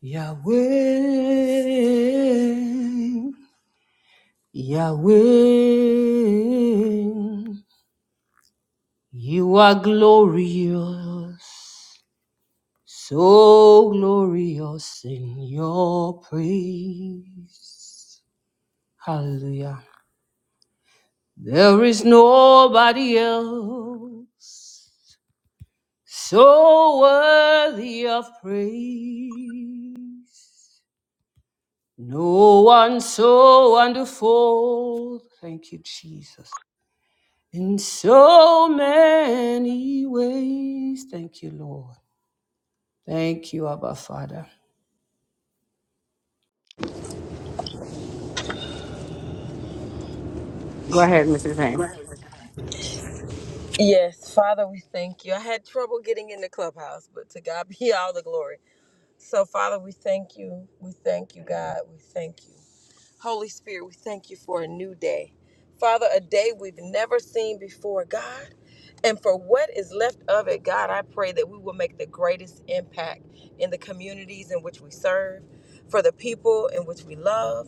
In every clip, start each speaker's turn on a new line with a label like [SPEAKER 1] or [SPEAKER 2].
[SPEAKER 1] Yahweh, Yahweh, you are glorious, so glorious in your praise. Hallelujah. There is nobody else so worthy of praise. No one so wonderful. Thank you, Jesus. In so many ways. Thank you, Lord. Thank you, Abba Father. Go ahead, Mrs. Haynes.
[SPEAKER 2] Yes, Father, we thank you. I had trouble getting in the clubhouse, but to God be all the glory. So, Father, we thank you. We thank you, God. We thank you. Holy Spirit, we thank you for a new day. Father, a day we've never seen before, God. And for what is left of it, God, I pray that we will make the greatest impact in the communities in which we serve, for the people in which we love.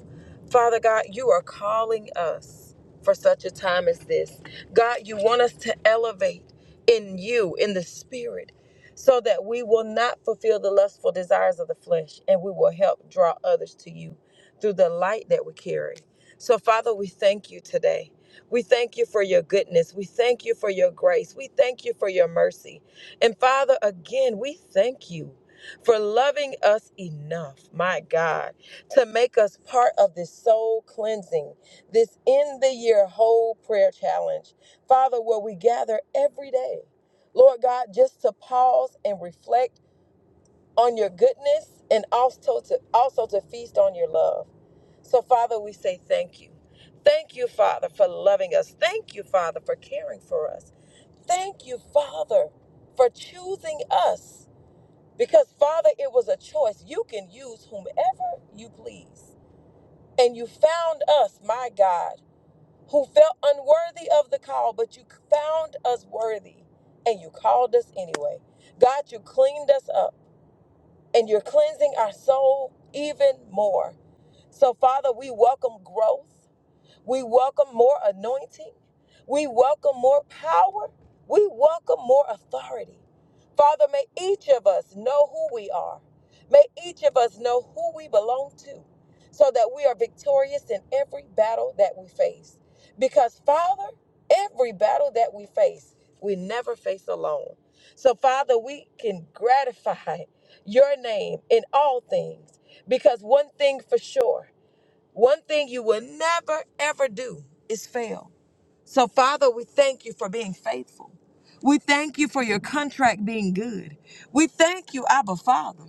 [SPEAKER 2] Father God, you are calling us for such a time as this. God, you want us to elevate in you, in the spirit, so that we will not fulfill the lustful desires of the flesh and we will help draw others to you through the light that we carry. So, Father, we thank you today. We thank you for your goodness. We thank you for your grace. We thank you for your mercy. And Father, again, we thank you for loving us enough, my God, to make us part of this soul cleansing, this end the year whole prayer challenge. Father, where we gather every day. Lord God, just to pause and reflect on your goodness and also to also to feast on your love. So Father, we say thank you. Thank you, Father, for loving us. Thank you, Father, for caring for us. Thank you, Father, for choosing us. Because Father, it was a choice. You can use whomever you please. And you found us, my God, who felt unworthy of the call, but you found us worthy and you called us anyway. God, you cleaned us up and you're cleansing our soul even more. So, Father, we welcome growth. We welcome more anointing. We welcome more power. We welcome more authority. Father, may each of us know who we are. May each of us know who we belong to so that we are victorious in every battle that we face. Because, Father, every battle that we face, we never face alone. So, Father, we can gratify your name in all things because one thing for sure. One thing you will never, ever do is fail. So, Father, we thank you for being faithful. We thank you for your contract being good. We thank you, Abba Father,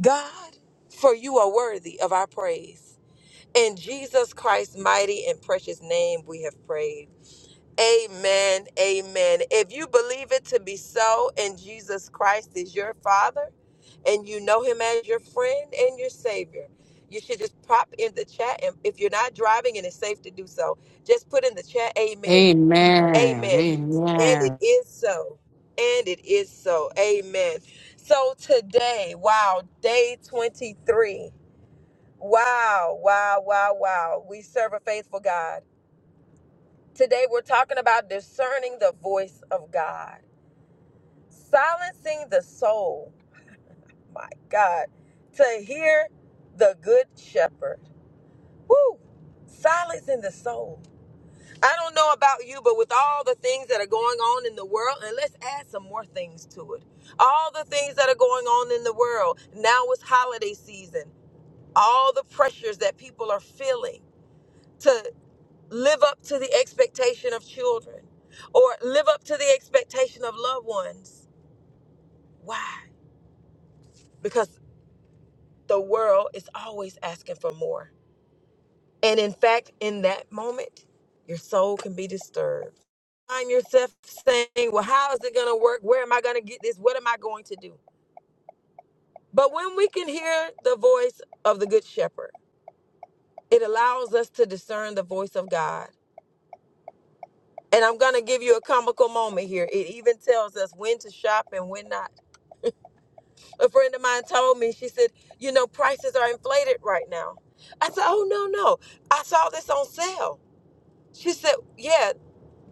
[SPEAKER 2] God, for you are worthy of our praise. In Jesus Christ's mighty and precious name, we have prayed. Amen. Amen. If you believe it to be so, and Jesus Christ is your Father, and you know Him as your friend and your Savior, you should just pop in the chat. And if you're not driving and it's safe to do so, just put in the chat, Amen.
[SPEAKER 1] Amen.
[SPEAKER 2] Amen. And it
[SPEAKER 1] Amen.
[SPEAKER 2] is so. And it is so. Amen. So today, wow, day 23. Wow, wow, wow, wow. We serve a faithful God. Today, we're talking about discerning the voice of God, silencing the soul, my God, to hear the good shepherd. Woo! Silencing the soul. I don't know about you, but with all the things that are going on in the world, and let's add some more things to it. All the things that are going on in the world. Now it's holiday season. All the pressures that people are feeling to. live up to the expectation of children or live up to the expectation of loved ones. Why? Because the world is always asking for more. And in fact, in that moment, your soul can be disturbed. Find yourself saying, Well, how is it going to work? Where am I going to get this? What am I going to do? But when we can hear the voice of the Good Shepherd, it allows us to discern the voice of God. And I'm going to give you a comical moment here. It even tells us when to shop and when not. A friend of mine told me, she said, you know, prices are inflated right now. I said, oh, no, no. I saw this on sale. She said, yeah,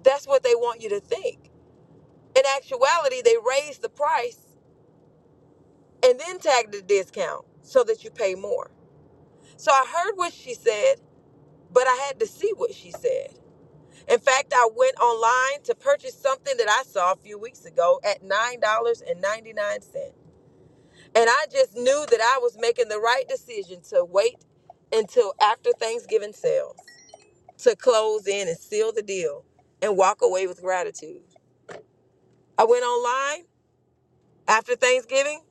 [SPEAKER 2] that's what they want you to think. In actuality, they raised the price and then tagged the discount so that you pay more. So I heard what she said, but I had to see what she said. In fact, I went online to purchase something that I saw a few weeks ago at $9.99. And I just knew that I was making the right decision to wait until after Thanksgiving sales to close in and seal the deal and walk away with gratitude. I went online after Thanksgiving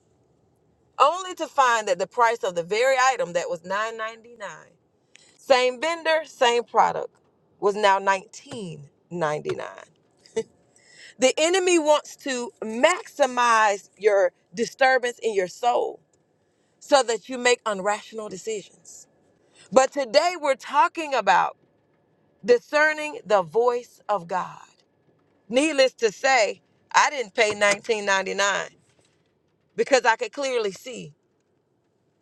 [SPEAKER 2] only to find that the price of the very item that was $9.99, same vendor, same product, was now $19.99. The enemy wants to maximize your disturbance in your soul so that you make irrational decisions. But today we're talking about discerning the voice of God. Needless to say, I didn't pay 19.99 because I could clearly see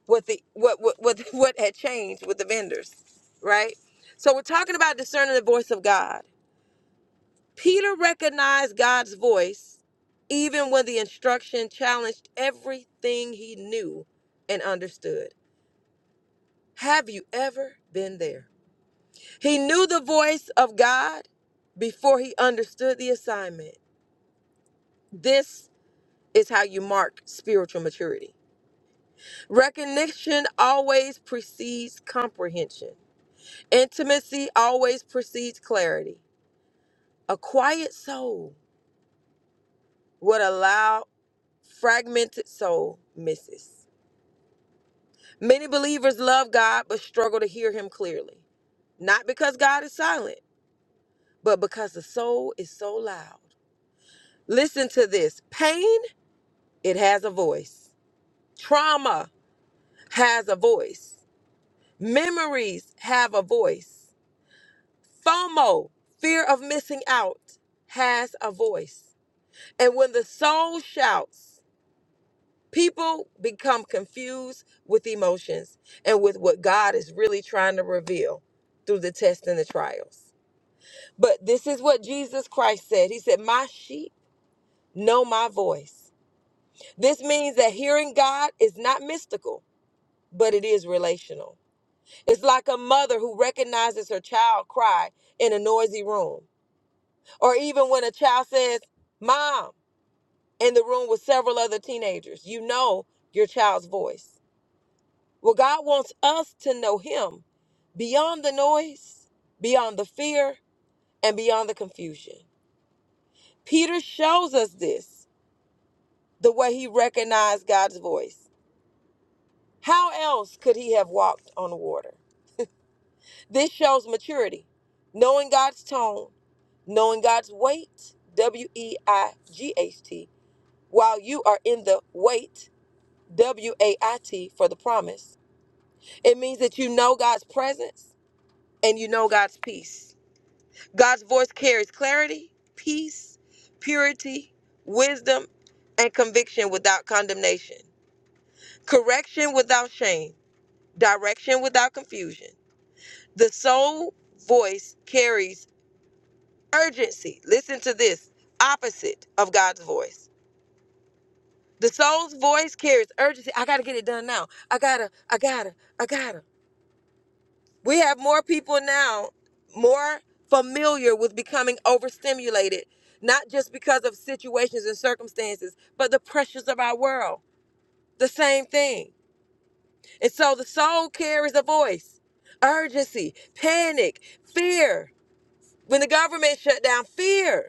[SPEAKER 2] what the what what what, what had changed with the vendors, right? So we're talking about discerning the voice of God. Peter recognized God's voice even when the instruction challenged everything he knew and understood. Have you ever been there? He knew the voice of God before he understood the assignment. This is how you mark spiritual maturity. Recognition always precedes comprehension, intimacy always precedes clarity. A quiet soul would allow fragmented soul misses. Many believers love God but struggle to hear him clearly. Not because God is silent, but because the soul is so loud. Listen to this. Pain it has a voice. Trauma has a voice. Memories have a voice. FOMO, fear of missing out, has a voice. And when the soul shouts, people become confused with emotions and with what God is really trying to reveal through the tests and the trials. But this is what Jesus Christ said He said, My sheep know my voice. This means that hearing God is not mystical, but it is relational. It's like a mother who recognizes her child cry in a noisy room, or even when a child says, Mom, in the room with several other teenagers. You know your child's voice. Well, God wants us to know Him beyond the noise, beyond the fear, and beyond the confusion. Peter shows us this the way he recognized God's voice. How else could he have walked on water? This shows maturity, knowing God's tone knowing God's weight, W E I G H T, while you are in the wait, W A I T, for the promise. It means that you know God's presence and you know God's peace. God's voice carries clarity, peace, purity, wisdom, and conviction without condemnation, correction without shame, direction without confusion. The soul voice carries urgency. Listen to this opposite of God's voice The soul's voice carries urgency. I gotta get it done now. I gotta, I gotta, I gotta. We have more people now more familiar with becoming overstimulated, not just because of situations and circumstances, but the pressures of our world. The same thing. And so the soul carries a voice, urgency, panic, fear. When the government shut down, fear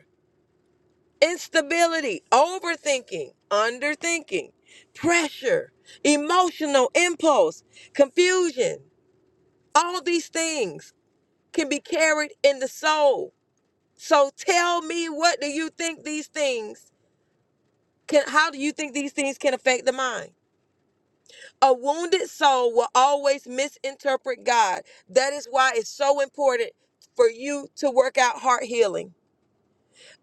[SPEAKER 2] instability, overthinking, underthinking, pressure, emotional impulse, confusion. All these things can be carried in the soul. So tell me what do you think these things can how do you think these things can affect the mind? A wounded soul will always misinterpret God. That is why it's so important for you to work out heart healing.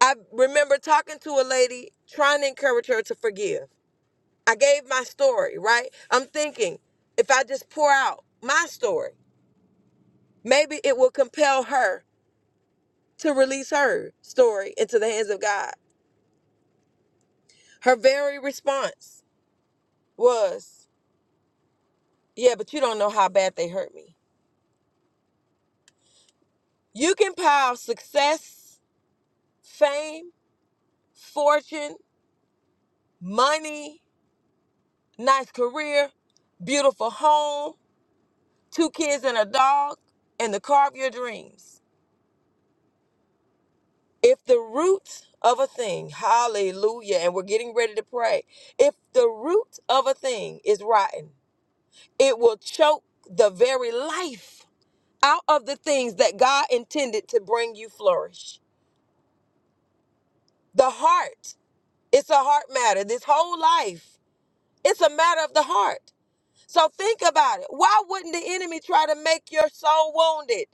[SPEAKER 2] I remember talking to a lady trying to encourage her to forgive. I gave my story, right? I'm thinking if I just pour out my story, maybe it will compel her to release her story into the hands of God. Her very response was, Yeah, but you don't know how bad they hurt me. You can pile success, fame, fortune, money, nice career, beautiful home, two kids and a dog, and the car of your dreams. If the root of a thing, hallelujah, and we're getting ready to pray, if the root of a thing is rotten, it will choke the very life out of the things that God intended to bring you flourish. The heart, it's a heart matter. This whole life, it's a matter of the heart. So think about it. Why wouldn't the enemy try to make your soul wounded?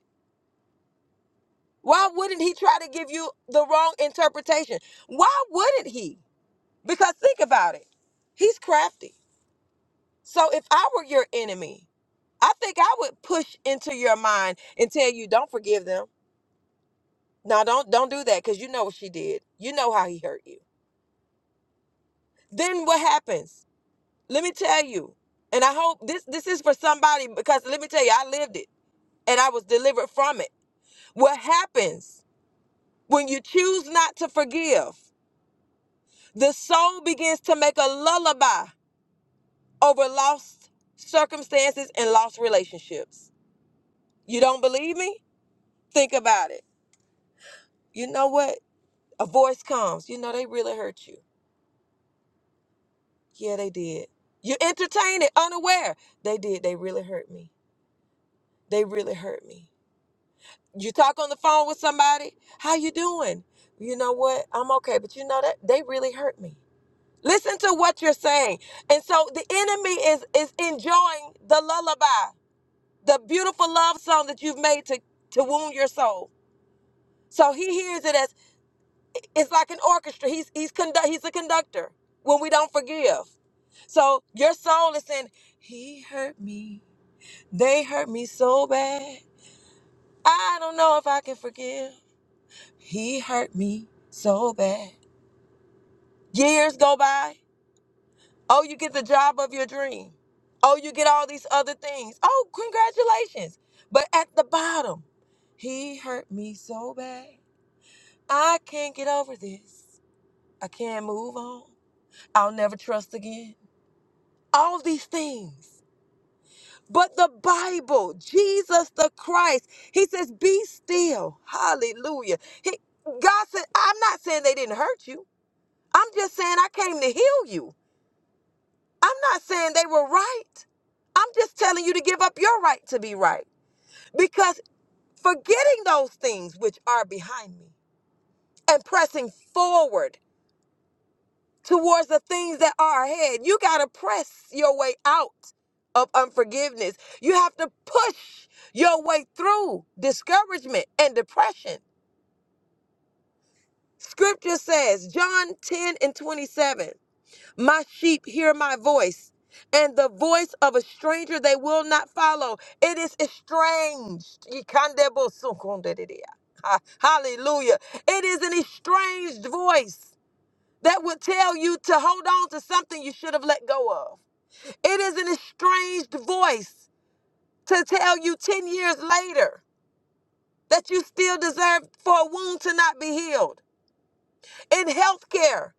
[SPEAKER 2] Why wouldn't he try to give you the wrong interpretation? Why wouldn't he? Because think about it, he's crafty. So if I were your enemy, I think I would push into your mind and tell you, don't forgive them. No, don't don't do that because you know what she did. You know how he hurt you. Then what happens? Let me tell you, and I hope this this is for somebody because let me tell you, I lived it and I was delivered from it. What happens when you choose not to forgive? The soul begins to make a lullaby over lost circumstances and lost relationships. You don't believe me? Think about it. You know what? A voice comes. You know, they really hurt you. Yeah, they did. You entertain it unaware. They did. They really hurt me. They really hurt me. You talk on the phone with somebody. How you doing? You know what? I'm okay, but you know that they really hurt me. Listen to what you're saying. And so the enemy is is enjoying the lullaby, the beautiful love song that you've made to to wound your soul. So he hears it as It's like an orchestra. He's he's conduct he's a conductor when we don't forgive. So your soul is saying, He hurt me. They hurt me so bad. I don't know if I can forgive. He hurt me so bad. Years go by. Oh, you get the job of your dream. Oh, you get all these other things. Oh, congratulations. But at the bottom, he hurt me so bad. I can't get over this. I can't move on. I'll never trust again. all these things. But the Bible, Jesus the Christ, he says, be still. Hallelujah. He, God said, I'm not saying they didn't hurt you. I'm just saying I came to heal you. I'm not saying they were right. I'm just telling you to give up your right to be right. Because forgetting those things which are behind me and pressing forward towards the things that are ahead. You got to press your way out of unforgiveness. You have to push your way through discouragement and depression. Scripture says, John 10 and 27, My sheep hear my voice, and the voice of a stranger they will not follow. It is estranged. Yikandebo sukundedidia. Ha- Hallelujah. It is an estranged voice that would tell you to hold on to something you should have let go of. It is an estranged voice to tell you 10 years later that you still deserve for a wound to not be healed. In healthcare,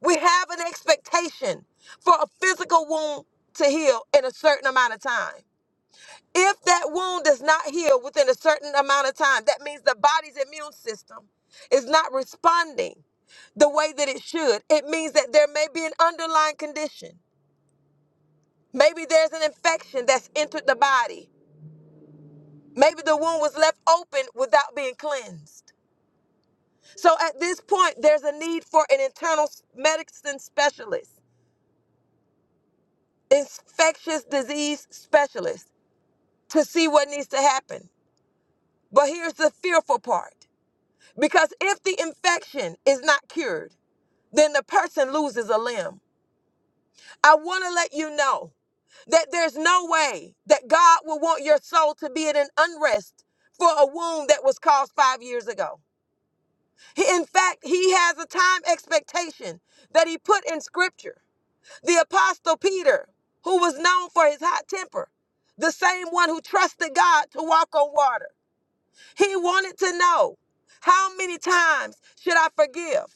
[SPEAKER 2] we have an expectation for a physical wound to heal in a certain amount of time. If that wound does not heal within a certain amount of time, that means the body's immune system is not responding the way that it should. It means that there may be an underlying condition Maybe there's an infection that's entered the body. Maybe the wound was left open without being cleansed. So at this point, there's a need for an internal s- medicine specialist, infectious disease specialist, to see what needs to happen. But here's the fearful part because if the infection is not cured, then the person loses a limb. I want to let you know that there's no way that God will want your soul to be in an unrest for a wound that was caused five years ago. He- In fact, he has a time expectation that he put in scripture. The apostle Peter, who was known for his hot temper, the same one who trusted God to walk on water, he wanted to know how many times should I forgive?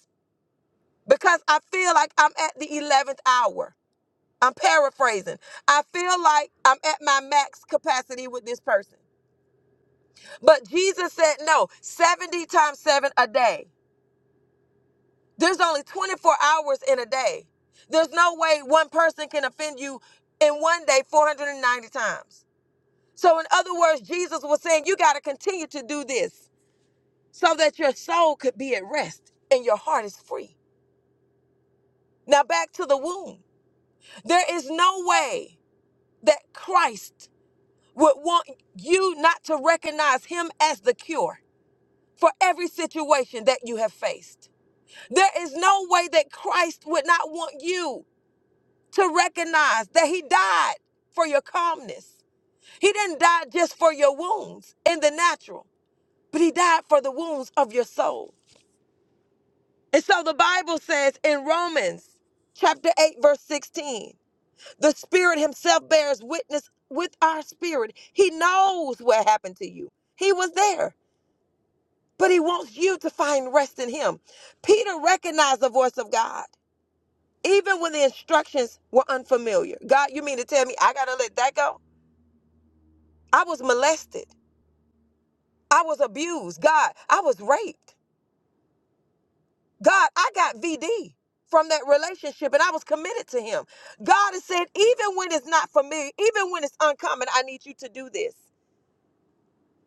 [SPEAKER 2] Because I feel like I'm at the 11th hour. I'm paraphrasing. I feel like I'm at my max capacity with this person. But Jesus said, no, 70 times seven a day. There's only 24 hours in a day. There's no way one person can offend you in one day 490 times. So, in other words, Jesus was saying, you got to continue to do this so that your soul could be at rest and your heart is free. Now, back to the womb. There is no way that Christ would want you not to recognize him as the cure for every situation that you have faced. There is no way that Christ would not want you to recognize that he died for your calmness. He didn't die just for your wounds in the natural, but he died for the wounds of your soul. And so the Bible says in Romans chapter 8 verse 16, the spirit himself bears witness with our spirit. He knows what happened to you. He was there. but he wants you to find rest in him. Peter recognized the voice of God, even when the instructions were unfamiliar. God, you mean to tell me I got to let that go? I was molested. I was abused. God, I was raped. God, I got VD from that relationship and I was committed to him. God has said, even when it's not familiar, even when it's uncommon, I need you to do this.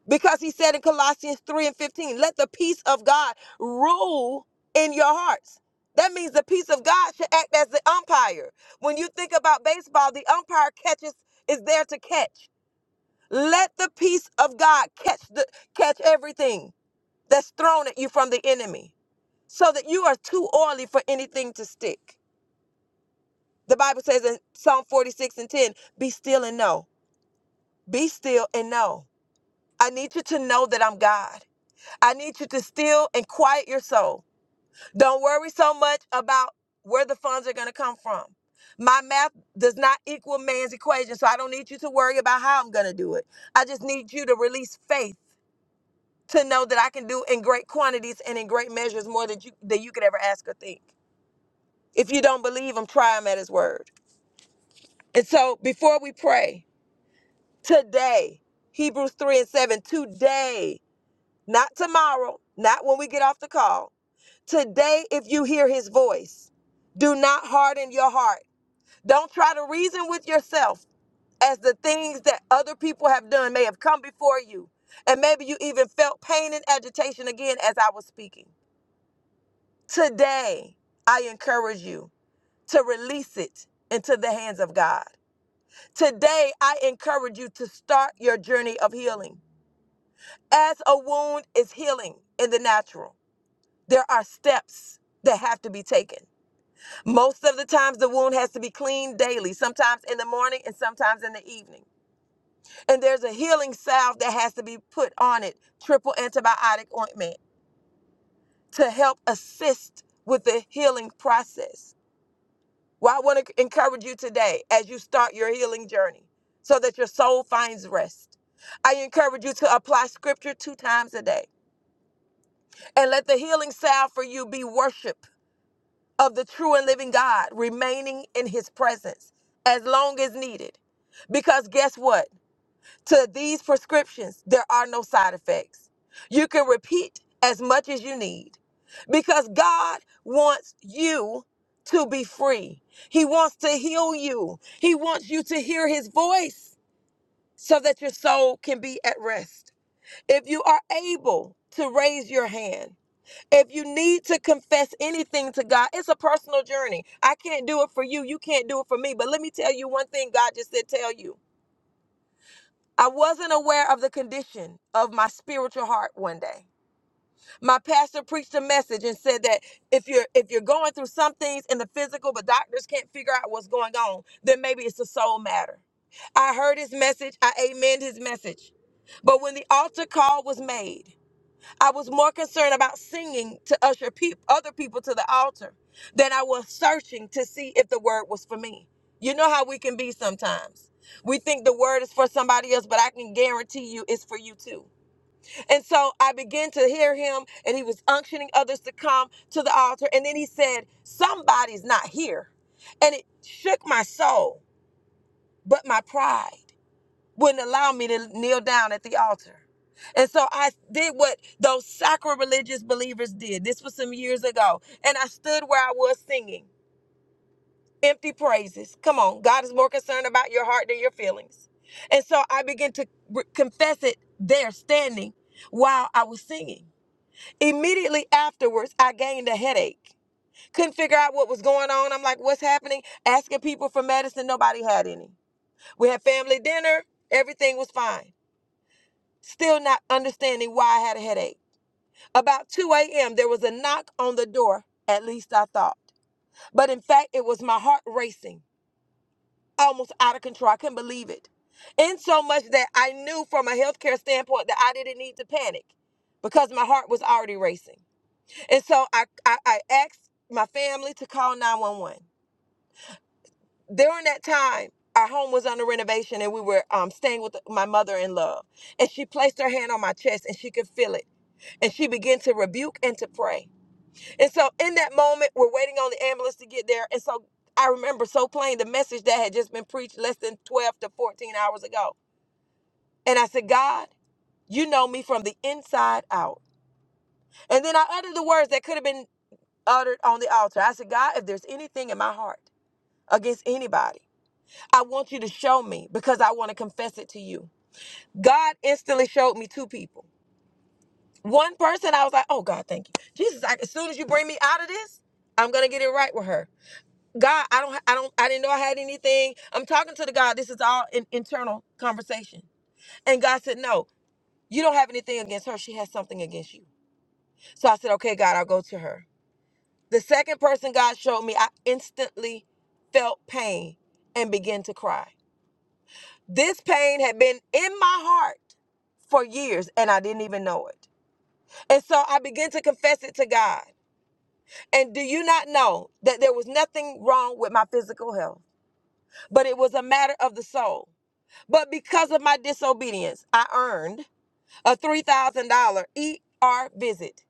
[SPEAKER 2] Because he said in Colossians 3 and 15, let the peace of God rule in your hearts. That means the peace of God should act as the umpire. When you think about baseball, the umpire catches is there to catch. Let the peace of God catch the catch everything that's thrown at you from the enemy so that you are too oily for anything to stick. The Bible says in Psalm 46 and 10, be still and know. Be still and know. I need you to know that I'm God. I need you to still and quiet your soul. Don't worry so much about where the funds are going to come from. My math does not equal man's equation, so I don't need you to worry about how I'm going to do it. I just need you to release faith to know that I can do in great quantities and in great measures more than you than you could ever ask or think. If you don't believe him, try him at his word. And so before we pray, today, Hebrews 3 and 7, today, not tomorrow, not when we get off the call, Today, if you hear his voice, do not harden your heart. Don't try to reason with yourself as the things that other people have done may have come before you. And maybe you even felt pain and agitation again as I was speaking. Today, I encourage you to release it into the hands of God. Today, I encourage you to start your journey of healing. As a wound is healing in the natural, there are steps that have to be taken. Most of the times, the wound has to be cleaned daily, sometimes in the morning and sometimes in the evening. And there's a healing salve that has to be put on it, triple antibiotic ointment, to help assist with the healing process. Well, I want to encourage you today as you start your healing journey so that your soul finds rest. I encourage you to apply scripture two times a day and let the healing salve for you be worship of the true and living God remaining in his presence as long as needed. Because guess what? To these prescriptions, there are no side effects. You can repeat as much as you need because God wants you to be free. He wants to heal you, He wants you to hear His voice so that your soul can be at rest. If you are able to raise your hand, if you need to confess anything to God, it's a personal journey. I can't do it for you. You can't do it for me. But let me tell you one thing God just said, tell you. I wasn't aware of the condition of my spiritual heart one day. My pastor preached a message and said that if you're if you're going through some things in the physical but doctors can't figure out what's going on, then maybe it's a soul matter. I heard his message, I amened his message. But when the altar call was made, I was more concerned about singing to usher peop other people to the altar than I was searching to see if the word was for me. You know how we can be sometimes. We think the word is for somebody else, but I can guarantee you it's for you too. And so I began to hear him, and he was unctioning others to come to the altar. And then he said, Somebody's not here. And it shook my soul, but my pride wouldn't allow me to kneel down at the altar. And so I did what those sacrilegious believers did. This was some years ago. And I stood where I was singing empty praises. Come on, God is more concerned about your heart than your feelings. And so I began to re- confess it there standing while I was singing. Immediately afterwards, I gained a headache. Couldn't figure out what was going on. I'm like, what's happening? Asking people for medicine, nobody had any. We had family dinner, everything was fine. still not understanding why I had a headache. About 2 a.m., there was a knock on the door, at least I thought. But in fact, it was my heart racing, almost out of control. I couldn't believe it. In so much that I knew from a healthcare standpoint that I didn't need to panic because my heart was already racing. And so I, I, I asked my family to call 911. during that time our home was under renovation and we were um, staying with my mother in love and she placed her hand on my chest and she could feel it and she began to rebuke and to pray and so in that moment we're waiting on the ambulance to get there and so i remember so plain the message that had just been preached less than 12 to 14 hours ago and i said god you know me from the inside out and then i uttered the words that could have been uttered on the altar i said god if there's anything in my heart against anybody I want you to show me because I want to confess it to you. God instantly showed me two people. One person, I was like, oh God, thank you. Jesus, I, as soon as you bring me out of this, I'm gonna get it right with her. God, I don't, I don't, I didn't know I had anything. I'm talking to the God. This is all an internal conversation. And God said, no, you don't have anything against her. She has something against you. So I said, okay, God, I'll go to her. The second person God showed me, I instantly felt pain and began to cry. This pain had been in my heart for years and I didn't even know it. And so I began to confess it to God. And do you not know that there was nothing wrong with my physical health, but it was a matter of the soul. But because of my disobedience, I earned a $3,000 ER visit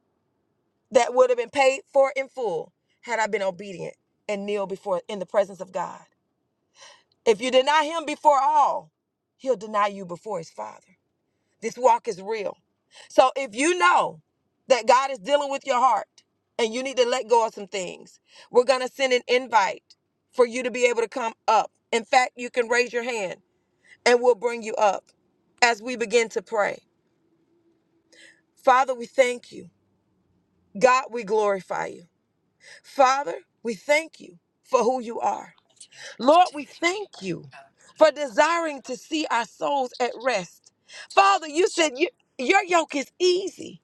[SPEAKER 2] that would have been paid for in full had I been obedient and kneel before in the presence of God. If you deny him before all, he'll deny you before his father. This walk is real. So if you know that God is dealing with your heart and you need to let go of some things, we're going to send an invite for you to be able to come up. In fact, you can raise your hand and we'll bring you up as we begin to pray. Father, we thank you. God, we glorify you. Father, we thank you for who you are. Lord, we thank you for desiring to see our souls at rest. Father, you said you, your yoke is easy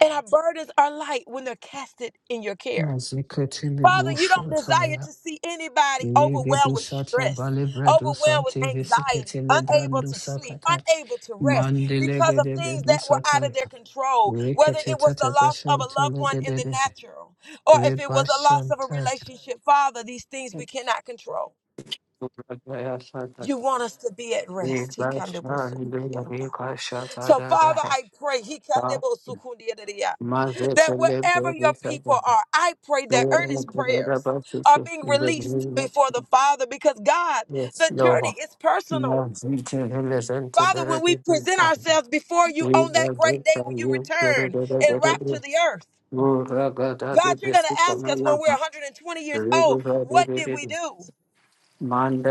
[SPEAKER 2] And our burdens are light when they're casted in your care.
[SPEAKER 1] Yes, you could tell me
[SPEAKER 2] Father, you don't
[SPEAKER 1] bullshit, I am.
[SPEAKER 2] desire to see anybody overwhelmed with
[SPEAKER 1] Legedusata
[SPEAKER 2] stress,
[SPEAKER 1] balebredu
[SPEAKER 2] overwhelmed with
[SPEAKER 1] santi
[SPEAKER 2] anxiety,
[SPEAKER 1] visikete
[SPEAKER 2] unable
[SPEAKER 1] lebrandu
[SPEAKER 2] to sleep,
[SPEAKER 1] sakata.
[SPEAKER 2] unable to rest because of
[SPEAKER 1] Mandelegede
[SPEAKER 2] things that were
[SPEAKER 1] bedusata.
[SPEAKER 2] out of their control, whether
[SPEAKER 1] Rikete
[SPEAKER 2] it was the
[SPEAKER 1] tete
[SPEAKER 2] loss of a
[SPEAKER 1] beshante
[SPEAKER 2] loved one in
[SPEAKER 1] legede
[SPEAKER 2] the natural or if it was a loss of a
[SPEAKER 1] rebashante.
[SPEAKER 2] relationship. Father, these things we cannot control.
[SPEAKER 1] Rebashante.
[SPEAKER 2] You want us to be at rest. He can do both. So,
[SPEAKER 1] Rebashante.
[SPEAKER 2] yeah.
[SPEAKER 1] Rebashante.
[SPEAKER 2] So,
[SPEAKER 1] da da.
[SPEAKER 2] Father, I pray. He can do
[SPEAKER 1] da.
[SPEAKER 2] both. So, cool. Yeah, yeah, yeah. that
[SPEAKER 1] Mazete
[SPEAKER 2] wherever your
[SPEAKER 1] lebedu
[SPEAKER 2] people
[SPEAKER 1] sata.
[SPEAKER 2] are, I pray that earnest
[SPEAKER 1] Rebashante
[SPEAKER 2] prayers are
[SPEAKER 1] basisi.
[SPEAKER 2] being released before
[SPEAKER 1] Rebashante.
[SPEAKER 2] the Father because God,
[SPEAKER 1] Yes,
[SPEAKER 2] the journey
[SPEAKER 1] Lord.
[SPEAKER 2] is personal.
[SPEAKER 1] Mazete lezente
[SPEAKER 2] Father, when we
[SPEAKER 1] lebedu
[SPEAKER 2] present
[SPEAKER 1] sata.
[SPEAKER 2] ourselves before you on that
[SPEAKER 1] Mandala
[SPEAKER 2] great day
[SPEAKER 1] gada
[SPEAKER 2] when you return and rapture the earth, God, you're going to ask us when we're 120 years old, what did we do?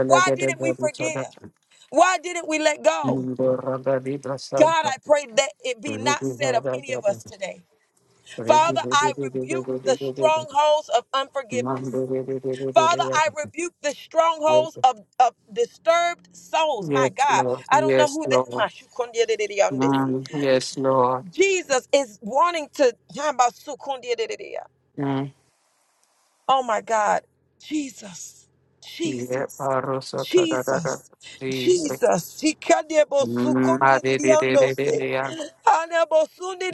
[SPEAKER 2] Why didn't
[SPEAKER 1] gada
[SPEAKER 2] we forgive?
[SPEAKER 1] sadaka,
[SPEAKER 2] Why didn't we let go?
[SPEAKER 1] Indora gadi
[SPEAKER 2] God,
[SPEAKER 1] prasanta,
[SPEAKER 2] I pray that it be not
[SPEAKER 1] Rugu
[SPEAKER 2] said of
[SPEAKER 1] vada
[SPEAKER 2] any of
[SPEAKER 1] gada,
[SPEAKER 2] us today.
[SPEAKER 1] Regi
[SPEAKER 2] Father, I
[SPEAKER 1] vada gada gada
[SPEAKER 2] rebuke the
[SPEAKER 1] gada gada,
[SPEAKER 2] strongholds of unforgiveness.
[SPEAKER 1] Mando gada gada
[SPEAKER 2] Father,
[SPEAKER 1] gada
[SPEAKER 2] I rebuke the strongholds
[SPEAKER 1] gada.
[SPEAKER 2] of, of disturbed souls. My
[SPEAKER 1] Yes,
[SPEAKER 2] God,
[SPEAKER 1] Lord,
[SPEAKER 2] I
[SPEAKER 1] Mm.
[SPEAKER 2] don't know
[SPEAKER 1] yes,
[SPEAKER 2] who that. my
[SPEAKER 1] Lord,
[SPEAKER 2] shukundiadididiyondisi.
[SPEAKER 1] Mm, yes, Lord.
[SPEAKER 2] Jesus is wanting to. Yambasukundiadididiya.
[SPEAKER 1] Mm.
[SPEAKER 2] Oh my God, Jesus,
[SPEAKER 1] Yeah,
[SPEAKER 2] Jesus,
[SPEAKER 1] Paro Sota da da da,
[SPEAKER 2] Jesus,
[SPEAKER 1] Jesus.
[SPEAKER 2] Jesus. Sikadiebosukundiadidiyondose.
[SPEAKER 1] Mm,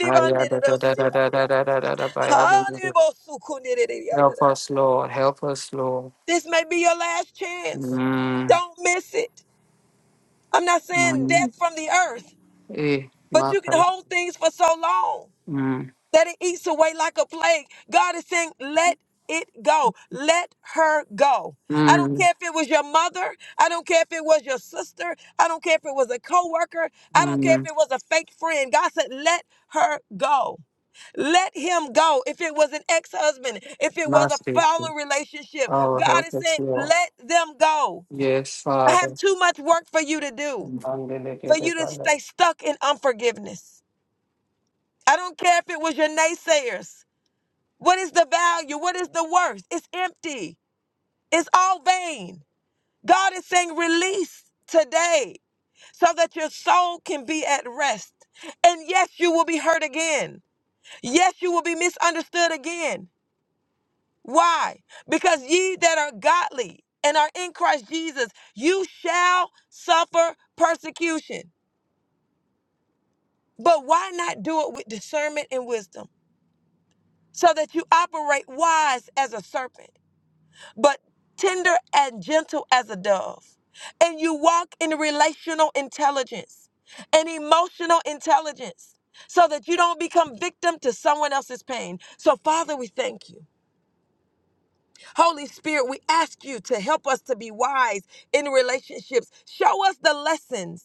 [SPEAKER 1] Help
[SPEAKER 2] Hanebosukundidididiyadadada.
[SPEAKER 1] us, Lord. Help us, Lord.
[SPEAKER 2] This may be your last chance.
[SPEAKER 1] Mm,
[SPEAKER 2] Don't miss it. I'm not saying
[SPEAKER 1] mm,
[SPEAKER 2] death from the earth,
[SPEAKER 1] eh,
[SPEAKER 2] but you can
[SPEAKER 1] Maka.
[SPEAKER 2] hold things for so long
[SPEAKER 1] Mm,
[SPEAKER 2] that it eats away like a plague. God is saying, let it go. Let her go. I don't
[SPEAKER 1] mm,
[SPEAKER 2] care if it was your mother. I don't care if it was your sister. I don't care if it was a coworker. I don't care if
[SPEAKER 1] mm,
[SPEAKER 2] it was a fake friend. God said, let her go. Let him go. If it was an ex husband, if it was a
[SPEAKER 1] Master.
[SPEAKER 2] fallen relationship,
[SPEAKER 1] Oh,
[SPEAKER 2] God
[SPEAKER 1] help
[SPEAKER 2] is
[SPEAKER 1] us,
[SPEAKER 2] saying,
[SPEAKER 1] Lord.
[SPEAKER 2] let them go.
[SPEAKER 1] Yes,
[SPEAKER 2] I have
[SPEAKER 1] Father.
[SPEAKER 2] too much work for you to do for you to
[SPEAKER 1] Mandelekete,
[SPEAKER 2] stay stuck in unforgiveness. I don't care if it was your naysayers. What is the value? What is the worth? It's empty. It's all vain. God is saying release today so that your soul can be at rest. And yes, you will be hurt again. Yes, you will be misunderstood again. Why? Because ye that are godly and are in Christ Jesus, you shall suffer persecution. But why not do it with discernment and wisdom? so that you operate wise as a serpent, but tender and gentle as a dove. And you walk in relational intelligence and emotional intelligence so that you don't become victim to someone else's pain. So, Father, we thank you. Holy Spirit, we ask you to help us to be wise in relationships. Show us the lessons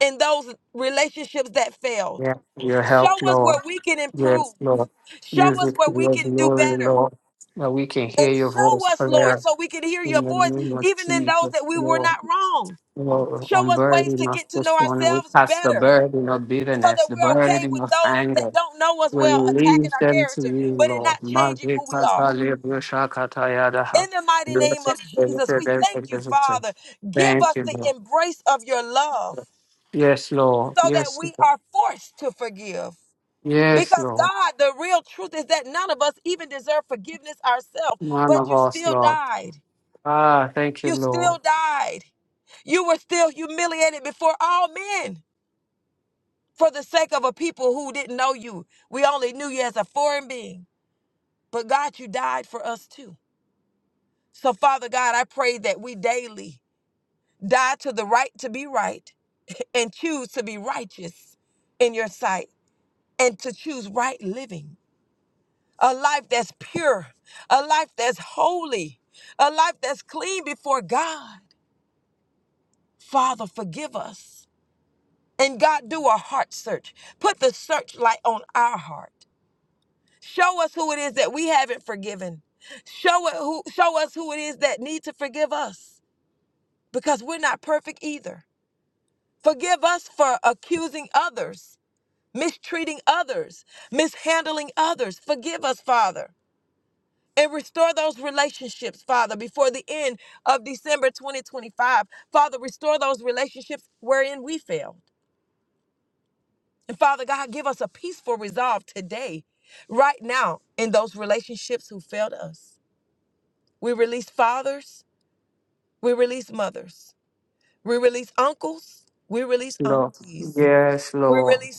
[SPEAKER 2] in those relationships that failed.
[SPEAKER 1] Yeah, your help,
[SPEAKER 2] Show us
[SPEAKER 1] Lord.
[SPEAKER 2] where we can
[SPEAKER 1] Yes,
[SPEAKER 2] improve.
[SPEAKER 1] Lord. Use
[SPEAKER 2] Show us
[SPEAKER 1] it for
[SPEAKER 2] where we
[SPEAKER 1] your
[SPEAKER 2] can do
[SPEAKER 1] glory,
[SPEAKER 2] better.
[SPEAKER 1] Lord. That we can
[SPEAKER 2] and
[SPEAKER 1] hear your voice
[SPEAKER 2] show us, Lord,
[SPEAKER 1] clear
[SPEAKER 2] so we can hear
[SPEAKER 1] in
[SPEAKER 2] your
[SPEAKER 1] the
[SPEAKER 2] voice,
[SPEAKER 1] name of
[SPEAKER 2] even in those
[SPEAKER 1] Jesus,
[SPEAKER 2] that we were
[SPEAKER 1] Lord.
[SPEAKER 2] not wrong.
[SPEAKER 1] Lord, on
[SPEAKER 2] Show us ways
[SPEAKER 1] burden
[SPEAKER 2] to
[SPEAKER 1] us
[SPEAKER 2] get to know
[SPEAKER 1] this morning. We
[SPEAKER 2] ourselves
[SPEAKER 1] cast the
[SPEAKER 2] better
[SPEAKER 1] burden of
[SPEAKER 2] so
[SPEAKER 1] bitterness,
[SPEAKER 2] that
[SPEAKER 1] the
[SPEAKER 2] we're okay
[SPEAKER 1] burden
[SPEAKER 2] with
[SPEAKER 1] of
[SPEAKER 2] those that
[SPEAKER 1] anger.
[SPEAKER 2] don't know us
[SPEAKER 1] We
[SPEAKER 2] well attacking
[SPEAKER 1] release
[SPEAKER 2] our
[SPEAKER 1] them to
[SPEAKER 2] character,
[SPEAKER 1] you,
[SPEAKER 2] but it
[SPEAKER 1] Lord.
[SPEAKER 2] not changing who we are.
[SPEAKER 1] Mazikata lebushakatayadaha.
[SPEAKER 2] In the mighty name of Jesus, we thank you, Father. Give
[SPEAKER 1] Thank
[SPEAKER 2] us
[SPEAKER 1] you,
[SPEAKER 2] the
[SPEAKER 1] Lord.
[SPEAKER 2] embrace of your love
[SPEAKER 1] Yes, Lord.
[SPEAKER 2] so that
[SPEAKER 1] Yes,
[SPEAKER 2] we
[SPEAKER 1] Lord.
[SPEAKER 2] are forced to forgive.
[SPEAKER 1] Yes,
[SPEAKER 2] Because
[SPEAKER 1] Lord.
[SPEAKER 2] God, the real truth is that none of us even deserve forgiveness ourselves,
[SPEAKER 1] None
[SPEAKER 2] but
[SPEAKER 1] of
[SPEAKER 2] you
[SPEAKER 1] us,
[SPEAKER 2] still
[SPEAKER 1] Lord.
[SPEAKER 2] died.
[SPEAKER 1] Ah, thank you,
[SPEAKER 2] You
[SPEAKER 1] Lord.
[SPEAKER 2] still died. You were still humiliated before all men for the sake of a people who didn't know you. We only knew you as a foreign being. But God, you died for us too. So, Father God, I pray that we daily die to the right to be right and choose to be righteous in your sight and to choose right living. A life that's pure, a life that's holy, a life that's clean before God. Father, forgive us And God, do a heart search. Put the searchlight on our heart. Show us who it is that we haven't forgiven. Show it who show us who it is that need to forgive us because we're not perfect either. Forgive us for accusing others, mistreating others, mishandling others. Forgive us, Father. And restore those relationships, Father, before the end of December 2025. Father, restore those relationships wherein we failed. And Father God, give us a peaceful resolve today, right now, in those relationships who failed us. We release fathers, we release mothers, we release uncles, we release
[SPEAKER 1] Lord.
[SPEAKER 2] aunties,
[SPEAKER 1] Yes,
[SPEAKER 2] we
[SPEAKER 1] Lord.
[SPEAKER 2] release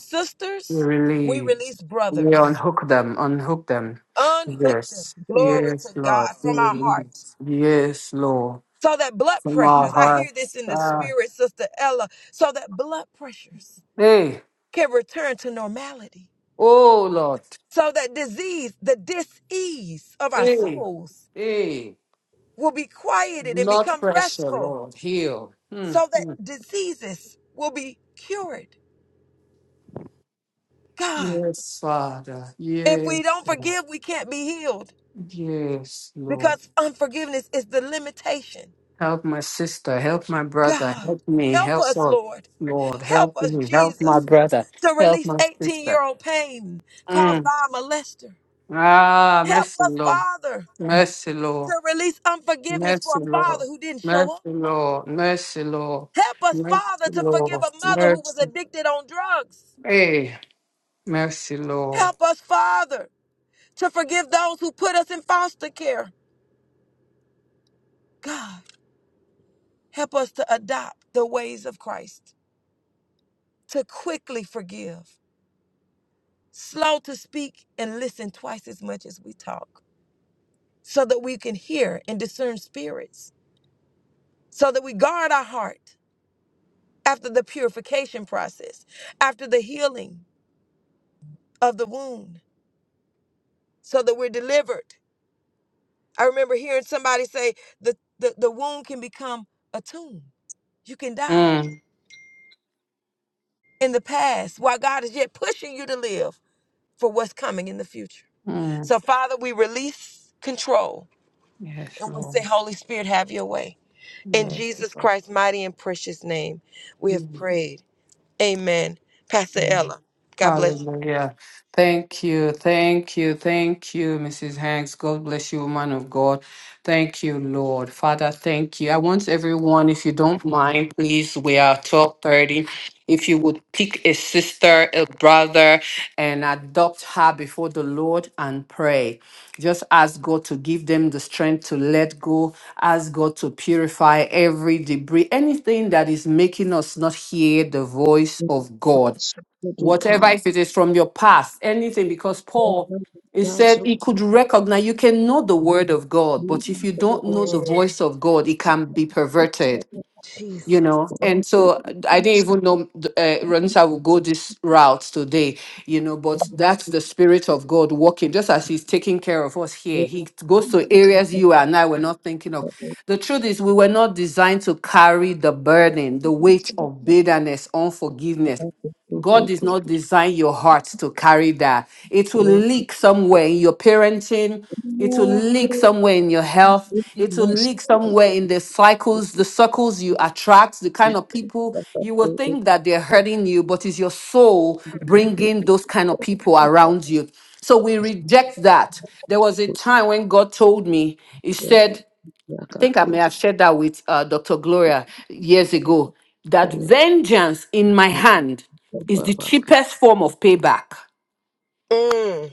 [SPEAKER 1] We
[SPEAKER 2] sisters, we
[SPEAKER 1] release.
[SPEAKER 2] release
[SPEAKER 1] We
[SPEAKER 2] brothers.
[SPEAKER 1] unhook them, unhook them.
[SPEAKER 2] Unhook them,
[SPEAKER 1] Yes.
[SPEAKER 2] glory
[SPEAKER 1] Yes,
[SPEAKER 2] to
[SPEAKER 1] Lord.
[SPEAKER 2] God,
[SPEAKER 1] We
[SPEAKER 2] from our heart.
[SPEAKER 1] release. Yes, Lord.
[SPEAKER 2] So that blood
[SPEAKER 1] From our
[SPEAKER 2] pressures, I hear this
[SPEAKER 1] hearts.
[SPEAKER 2] in the
[SPEAKER 1] Ah.
[SPEAKER 2] spirit, Sister Ella, so that blood pressures
[SPEAKER 1] Hey.
[SPEAKER 2] can return to normality
[SPEAKER 1] Oh, Lord.
[SPEAKER 2] so that disease, the disease of our
[SPEAKER 1] Hey.
[SPEAKER 2] souls
[SPEAKER 1] Hey.
[SPEAKER 2] will be quieted and
[SPEAKER 1] Blood
[SPEAKER 2] become
[SPEAKER 1] pressure,
[SPEAKER 2] restful
[SPEAKER 1] Lord. Heal. Hmm.
[SPEAKER 2] so that
[SPEAKER 1] Hmm.
[SPEAKER 2] diseases will be cured. God,
[SPEAKER 1] Yes, Father.
[SPEAKER 2] if
[SPEAKER 1] Yes,
[SPEAKER 2] we don't
[SPEAKER 1] Lord.
[SPEAKER 2] forgive, we can't be healed
[SPEAKER 1] Yes, Lord.
[SPEAKER 2] because unforgiveness is the limitation.
[SPEAKER 1] Help my sister. Help my brother.
[SPEAKER 2] God,
[SPEAKER 1] Help me.
[SPEAKER 2] help
[SPEAKER 1] Help us.
[SPEAKER 2] us, Lord.
[SPEAKER 1] Lord,
[SPEAKER 2] Help
[SPEAKER 1] help
[SPEAKER 2] us,
[SPEAKER 1] me. Help my
[SPEAKER 2] Jesus,
[SPEAKER 1] brother.
[SPEAKER 2] to
[SPEAKER 1] Help
[SPEAKER 2] release
[SPEAKER 1] my
[SPEAKER 2] 18
[SPEAKER 1] sister.
[SPEAKER 2] year old pain
[SPEAKER 1] Hmm.
[SPEAKER 2] caused by a molester.
[SPEAKER 1] Ah,
[SPEAKER 2] Help
[SPEAKER 1] mercy,
[SPEAKER 2] us,
[SPEAKER 1] Lord.
[SPEAKER 2] Father,
[SPEAKER 1] Mercy,
[SPEAKER 2] to
[SPEAKER 1] Lord.
[SPEAKER 2] release unforgiveness for
[SPEAKER 1] Mercy,
[SPEAKER 2] a father
[SPEAKER 1] Lord.
[SPEAKER 2] who didn't show
[SPEAKER 1] Mercy,
[SPEAKER 2] up.
[SPEAKER 1] Lord. Mercy, Lord.
[SPEAKER 2] Help us,
[SPEAKER 1] Mercy,
[SPEAKER 2] Father, to forgive
[SPEAKER 1] Lord.
[SPEAKER 2] a mother who was
[SPEAKER 1] Mercy.
[SPEAKER 2] addicted on drugs.
[SPEAKER 1] Hey, mercy, Lord.
[SPEAKER 2] Help us, Father, to forgive those who put us in foster care. God, help us to adopt the ways of Christ, to quickly forgive, slow to speak, and listen twice as much as we talk, so that we can hear and discern spirits, so that we guard our heart after the purification process, after the healing of the wound, so that we're delivered. I remember hearing somebody say the, the, the wound can become a tomb. You can die
[SPEAKER 1] Mm.
[SPEAKER 2] in the past while God is yet pushing you to live for what's coming in the future.
[SPEAKER 1] Mm.
[SPEAKER 2] So, Father, we release control
[SPEAKER 1] Yes,
[SPEAKER 2] and we say,
[SPEAKER 1] Lord.
[SPEAKER 2] Holy Spirit, have your way. In
[SPEAKER 1] Yes,
[SPEAKER 2] Jesus
[SPEAKER 1] Lord.
[SPEAKER 2] Christ's mighty and precious name, we have
[SPEAKER 1] Mm.
[SPEAKER 2] prayed. Amen. Pastor
[SPEAKER 1] Amen.
[SPEAKER 2] Ella, God bless
[SPEAKER 1] Hallelujah. Thank you. Thank you. Thank you, Mrs. Hanks. God bless you, woman of God. Thank you, Lord. Father, thank you. I want everyone, if you don't mind, please waiting. If you are before and pray to give. strength to anything that voice
[SPEAKER 3] Praise
[SPEAKER 1] of God, whatever
[SPEAKER 3] God.
[SPEAKER 1] if it is from your past, anything, because Paul he said he could recognize you can know the word of God, but if you
[SPEAKER 2] you.
[SPEAKER 1] don't know the
[SPEAKER 2] Mm,
[SPEAKER 1] voice of God, it can be perverted. you
[SPEAKER 2] Jesus.
[SPEAKER 1] know and so uh, i didn't even know th- uh, Ranisa would go this route today you know but that's the spirit of god working just as he's taking care of us here he goes to areas you and i were not thinking of the truth is we were not designed to carry the burden the weight of bitterness unforgiveness God did not design your heart to carry that. It will leak somewhere in your parenting. It will leak somewhere in your health. It will leak somewhere in the cycles, the circles you attract, the kind of people you will think that they're hurting you, but it's your soul bringing those kind of people around you. So we reject that. There was a time when God told me, He said, think I may have shared that with uh, Dr. Gloria years ago that vengeance in my hand is the cheapest form of payback
[SPEAKER 2] Mm.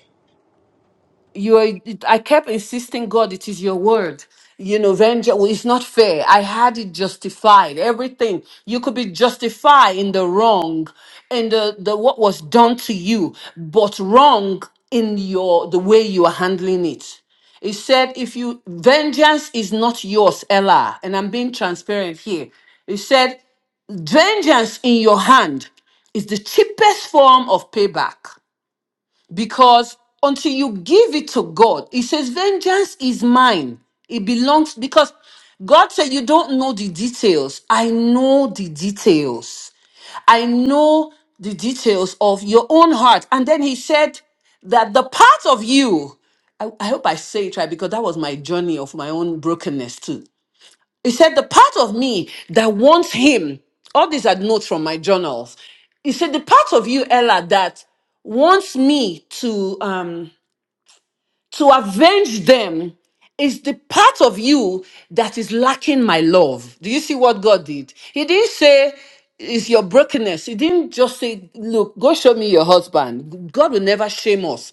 [SPEAKER 1] you are, it- I kept insisting, God, it is your word. You know, vengeance well, it's not fair. I had it justified. Everything you could be justified in the wrong and the, the what was done to you, but wrong in your the way you are handling it. It said, if you vengeance is not yours, Ella, and I'm being transparent here. It said, vengeance in your hand is the cheapest form of payback because until you give it to God, He says, Vengeance is mine. It belongs because God said, You don't know the details. I know the details. I know the details of your own heart. And then He said that the part of you, I, I hope I say it right because that was my journey of my own brokenness too. He said, The part of me that wants him, all these are notes from my journals. He said, The part of you, Ella, that wants me to um to avenge them it's the part of you that is lacking my love. Do you see what God did? He didn't say, it's your brokenness. He didn't just say, look, go show me your husband. God will never shame us.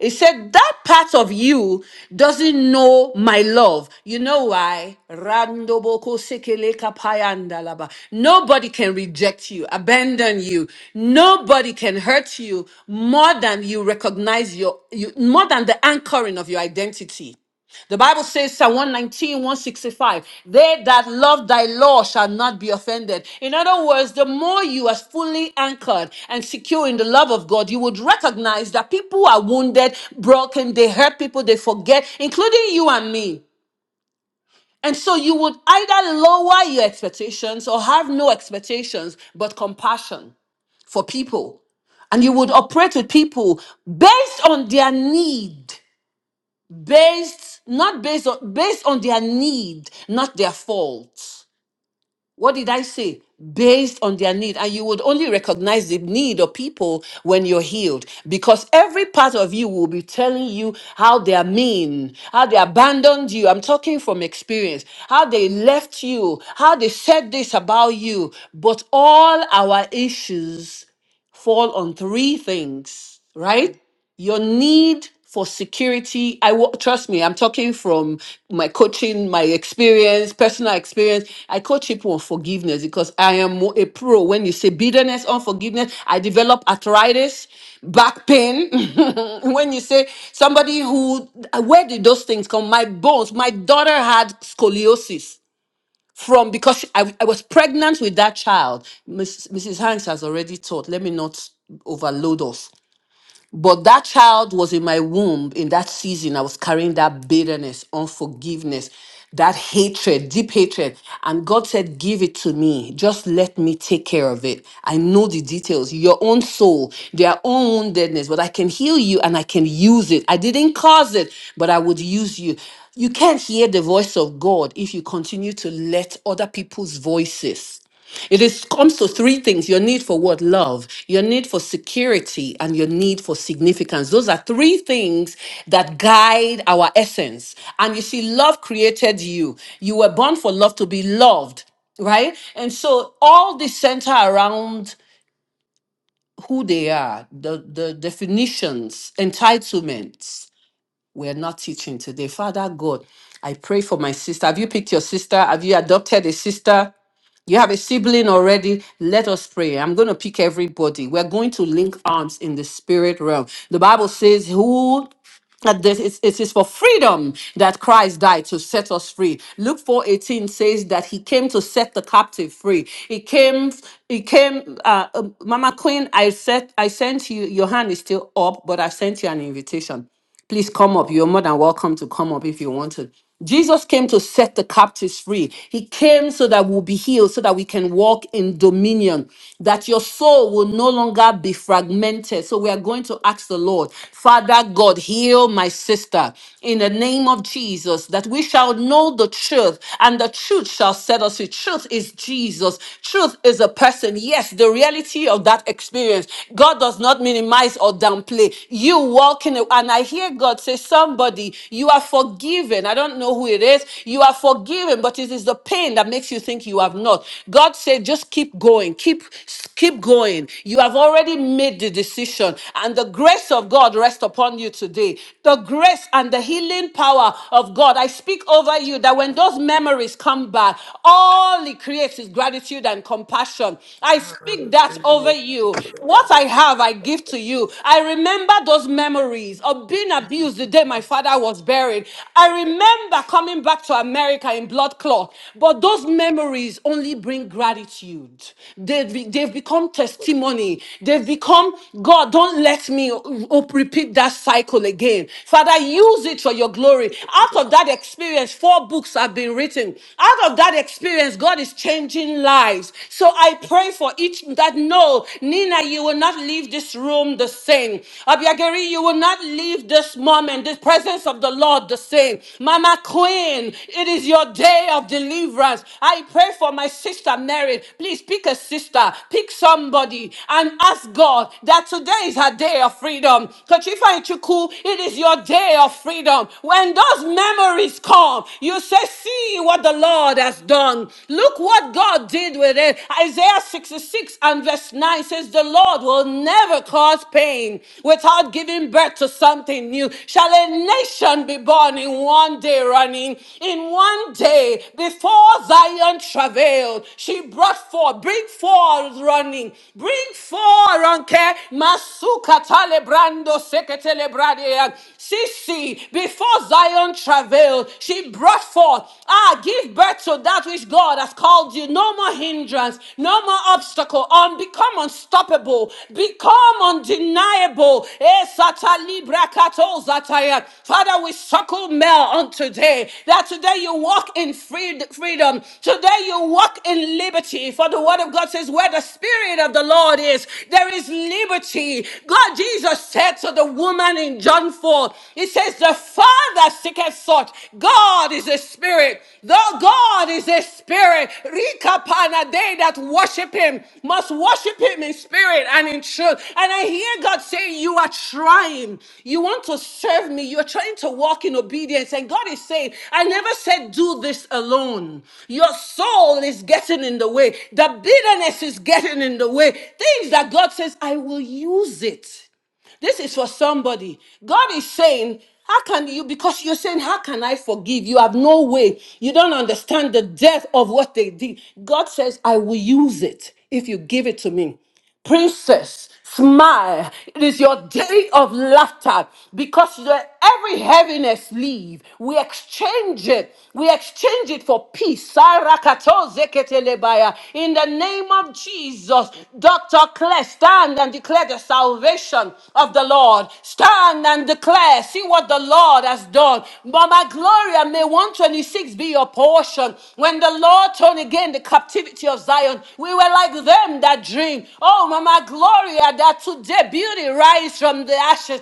[SPEAKER 1] He said, that part of you doesn't know my love. You know why? Randoboko sekele kapaya Nobody can reject you, abandon you. Nobody can hurt you more than you recognize your, you, more than the anchoring of your identity. The Bible says, Psalm one nineteen one sixty five. they that love thy law shall not be offended. In other words, the more you are fully anchored and secure in the love of God, you would recognize that people are wounded, broken, they hurt people, they forget, including you and me. And so you would either lower your expectations or have no expectations but compassion for people. And you would operate with people based on their need based not based on based on their need not their fault what did i say based on their need and you would only recognize the need of people when you're healed because every part of you will be telling you how they are mean how they abandoned you i'm talking from experience how they left you how they said this about you but all our issues fall on three things right your need for security i wa- trust me i'm talking from my coaching my experience personal experience i coach people on forgiveness because i am a pro when you say bitterness unforgiveness i develop arthritis back pain when you say somebody who where did those things come my bones my daughter had scoliosis from because she- I, I was pregnant with that child Miss, mrs hanks has already taught let me not overload us but that child was in my womb in that season. I was carrying that bitterness, unforgiveness, that hatred, deep hatred. And God said, Give it to me. Just let me take care of it. I know the details, your own soul, their own woundedness, but I can heal you and I can use it. I didn't cause it, but I would use you. You can't hear the voice of God if you continue to let other people's voices it is comes to three things: your need for what love, your need for security, and your need for significance. Those are three things that guide our essence. And you see, love created you. You were born for love to be loved, right? And so all this center around who they are, the, the definitions, entitlements, we're not teaching today. Father God, I pray for my sister. Have you picked your sister? Have you adopted a sister? You have a sibling already. Let us pray. I'm going to pick everybody. We're going to link arms in the spirit realm. The Bible says, Who that this is, it is for freedom that Christ died to set us free. Luke 4:18 says that he came to set the captive free. He came, he came, uh, uh, Mama Queen, I said, I sent you, your hand is still up, but I sent you an invitation. Please come up. You're more than welcome to come up if you want to. Jesus came to set the captives free. He came so that we'll be healed, so that we can walk in dominion, that your soul will no longer be fragmented. So we are going to ask the Lord, Father God, heal my sister in the name of Jesus, that we shall know the truth and the truth shall set us free. Truth is Jesus. Truth is a person. Yes, the reality of that experience. God does not minimize or or downplay. You walk walking, and I hear God say, Somebody, you are forgiven. I don't know who it is. You are forgiven, but it is the pain that makes you think you have not. God said, Just keep going, keep, keep going. You have already made the decision, and the grace of God rest upon you today. The grace and the healing power of God. I speak over you that when those memories come back, all it creates is gratitude and compassion. I speak that over
[SPEAKER 2] Hallelujah.
[SPEAKER 1] obey you. What I have, I give to you. I remember those memories of being abused the day my father was buried. I remember coming back to America in blood clot. But those memories only bring gratitude. They've, be- they've become testimony. They've become, God, don't let me o- o- repeat that cycle again. Father, use it for your glory. Out of that experience, four books have been written. Out of that experience, God is changing lives lives. So I pray for each that no, Nina, you will not leave this room the same. Abiagari, you will not leave this moment, the presence of the Lord the same. Mama Queen, it is your day of deliverance. I pray for my sister Mary. Please pick a sister, pick somebody, and ask God that today is her day of freedom. Kachifa Ichuku, it is your day of freedom. When those memories come, you say, See what the Lord. God has done. Look what God did with it. Isaiah 66 and verse 9 says, The Lord will never cause pain without giving birth to something new. Shall a nation be born in one day running? In one day, before Zion travailed, she brought forth, bring forth running, bring forth, Ronke, Masuka Talebrando Seketelebradia, Sisi, before Zion travailed travailed, she brought forth. Ah, give birth to that which God has called you. No more hindrance, no more obstacle. Um, become unstoppable, become undeniable. Eh, sata libra kato zataya. Father, we suckle Mel on today that today you walk in freed- freedom, today you walk in liberty. For the word of God says, Where the Spirit of the Lord is, there is liberty. God Jesus said to the woman in John 4 behold, it says, The Father seeketh such. God is a spirit. Though God is a spirit, Rikapana, they that worship him must worship him in spirit and in truth. And I hear God saying, You are trying. You want to serve me. You're trying to walk in obedience. And God is saying, I never said do this alone. Your soul is getting in the way. The bitterness is getting in the way. Things that God says, I will use it. This is for somebody. God is saying, How can you? Because you're saying, How can I forgive? You have no way. You don't understand the depth of what they did. God says, I will use it if you give it to me. Princess, smile. It is your day of laughter because the every heaviness leave. We exchange it. We exchange it for peace. Sarakato zeketelebaya. In the name of Jesus, Dr. Claire, stand and declare the salvation of the Lord. Stand and declare. See what the Lord has done. Mama Gloria, may 126 be your portion. When the Lord turned again the captivity of Zion, we were like them that dream. Oh, Mama Gloria, that today beauty rise from the ashes.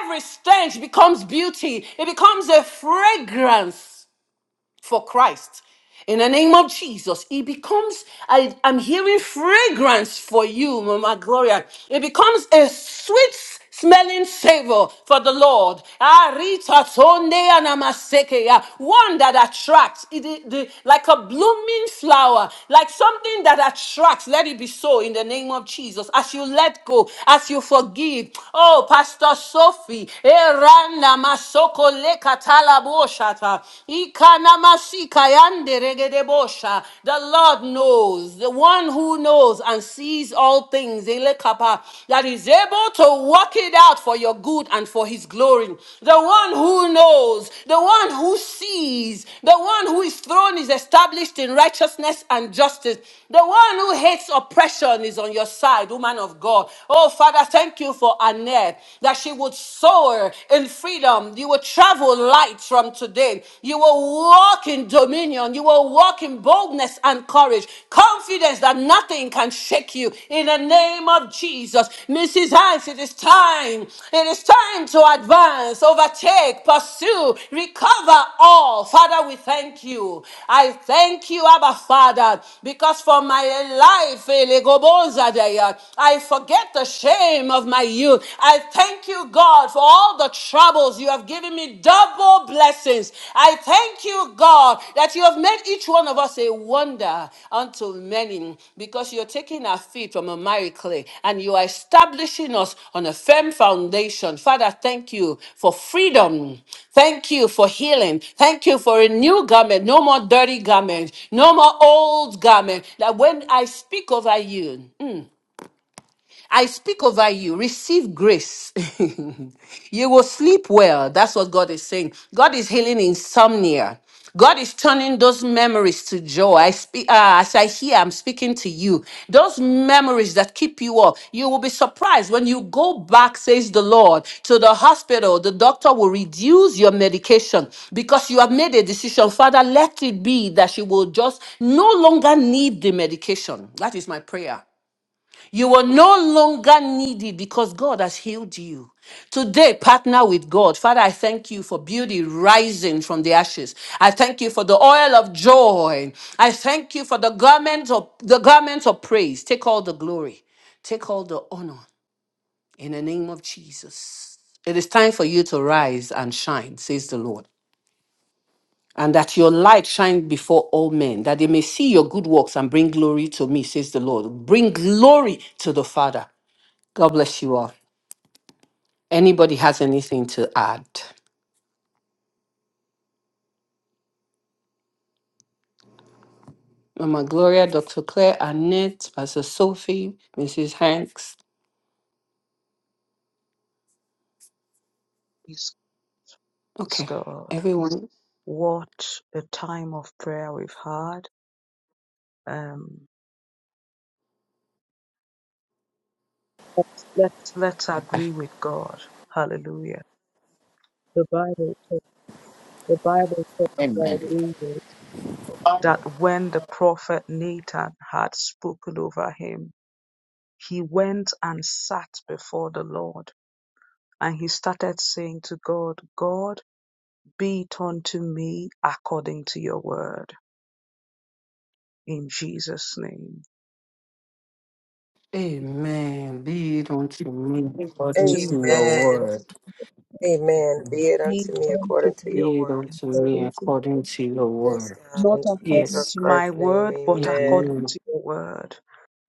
[SPEAKER 1] Every stench becomes beauty, it becomes a fragrance for Christ. In the name of Jesus, it becomes, I, I'm hearing fragrance for you, Mama Gloria. It becomes a sweet smelling savor for the Lord. Ah, Rita Tonde Anamaseke, ah, One that attracts, it, it- the- like a blooming flower, like something that attracts. Let it be so in the name of Jesus. As you let go, as you forgive. Oh, Pastor Sophie, eh, Randa Masoko Leka shata. Ikanamasika yande regedebosha. The Lord knows, the one who knows and sees all things, elekapa, that is able to work it out for your good and for his glory. The one who knows, the one who sees, the one who is throne is established in righteousness and justice. The one who hates oppression is on your side, woman of God. Oh, Father, thank you for Annette, that she would soar in freedom. You will travel light from today. You will walk in dominion. You will walk in boldness and courage, confidence that nothing can shake you. In the name of Jesus, Mrs. Hanks, it is time. It is time to advance, overtake, pursue, recover all. Father, we thank you. I thank you, Abba Father, because for my life, Elegobozadaya, I forget the shame of my my youth. I thank you, God, for all the troubles you have given me double blessings. I thank you, God, that you have made each one of us a wonder unto many because you're taking our feet from a miry clay and you are establishing us on a firm foundation. Father, thank you for freedom. Thank you for healing. Thank you for a new garment, no more dirty garment, no more old garment. That when I speak over you, I speak over you. Receive grace. you will sleep well. That's what God is saying. God is healing insomnia. God is turning those memories to joy. I speak uh, as I hear, I'm speaking to you. Those memories that keep you up. You will be surprised when you go back, says the Lord, to the hospital. The doctor will reduce your medication because you have made a decision. Father, let it be that she will just no longer need the medication. That is my prayer you are no longer needy because God has healed you. Today, partner with God. Father, I thank you for beauty rising from the ashes. I thank you for the oil of joy. I thank you for the garment of the garment of praise. Take all the glory. Take all the honor in the name of Jesus. It is time for you to rise and shine, says the Lord. And that your light shine before all men, that they may see your good works and bring glory to me, says the Lord. Bring glory to the Father. God bless you all. Anybody has anything to add? Mama Gloria, Dr. Claire, Annette, Pastor Sophie, Mrs. Hanks. Okay, everyone.
[SPEAKER 3] What a time of prayer we've had. Um, let's, let's let's agree with God. Hallelujah. The Bible. The Bible talks about
[SPEAKER 4] Amen.
[SPEAKER 3] David that when the prophet Nathan had spoken over him, he went and sat before the Lord and he started saying to God, God, be it unto me according to your word in Jesus' name.
[SPEAKER 1] Amen. Be it unto me according to
[SPEAKER 3] To
[SPEAKER 1] your
[SPEAKER 2] Amen.
[SPEAKER 1] word.
[SPEAKER 2] Amen. Be it
[SPEAKER 3] be
[SPEAKER 2] unto
[SPEAKER 3] it
[SPEAKER 2] me
[SPEAKER 3] unto
[SPEAKER 2] according to
[SPEAKER 3] me
[SPEAKER 2] your
[SPEAKER 1] Be it
[SPEAKER 2] word.
[SPEAKER 1] unto me
[SPEAKER 3] according to
[SPEAKER 1] according to your
[SPEAKER 2] Yes,
[SPEAKER 1] word.
[SPEAKER 2] God.
[SPEAKER 3] not
[SPEAKER 2] In
[SPEAKER 3] according
[SPEAKER 2] Jesus
[SPEAKER 1] Yes.
[SPEAKER 3] to my
[SPEAKER 2] Christ's name,
[SPEAKER 3] word, but according
[SPEAKER 2] amen.
[SPEAKER 1] Amen.
[SPEAKER 3] to your word.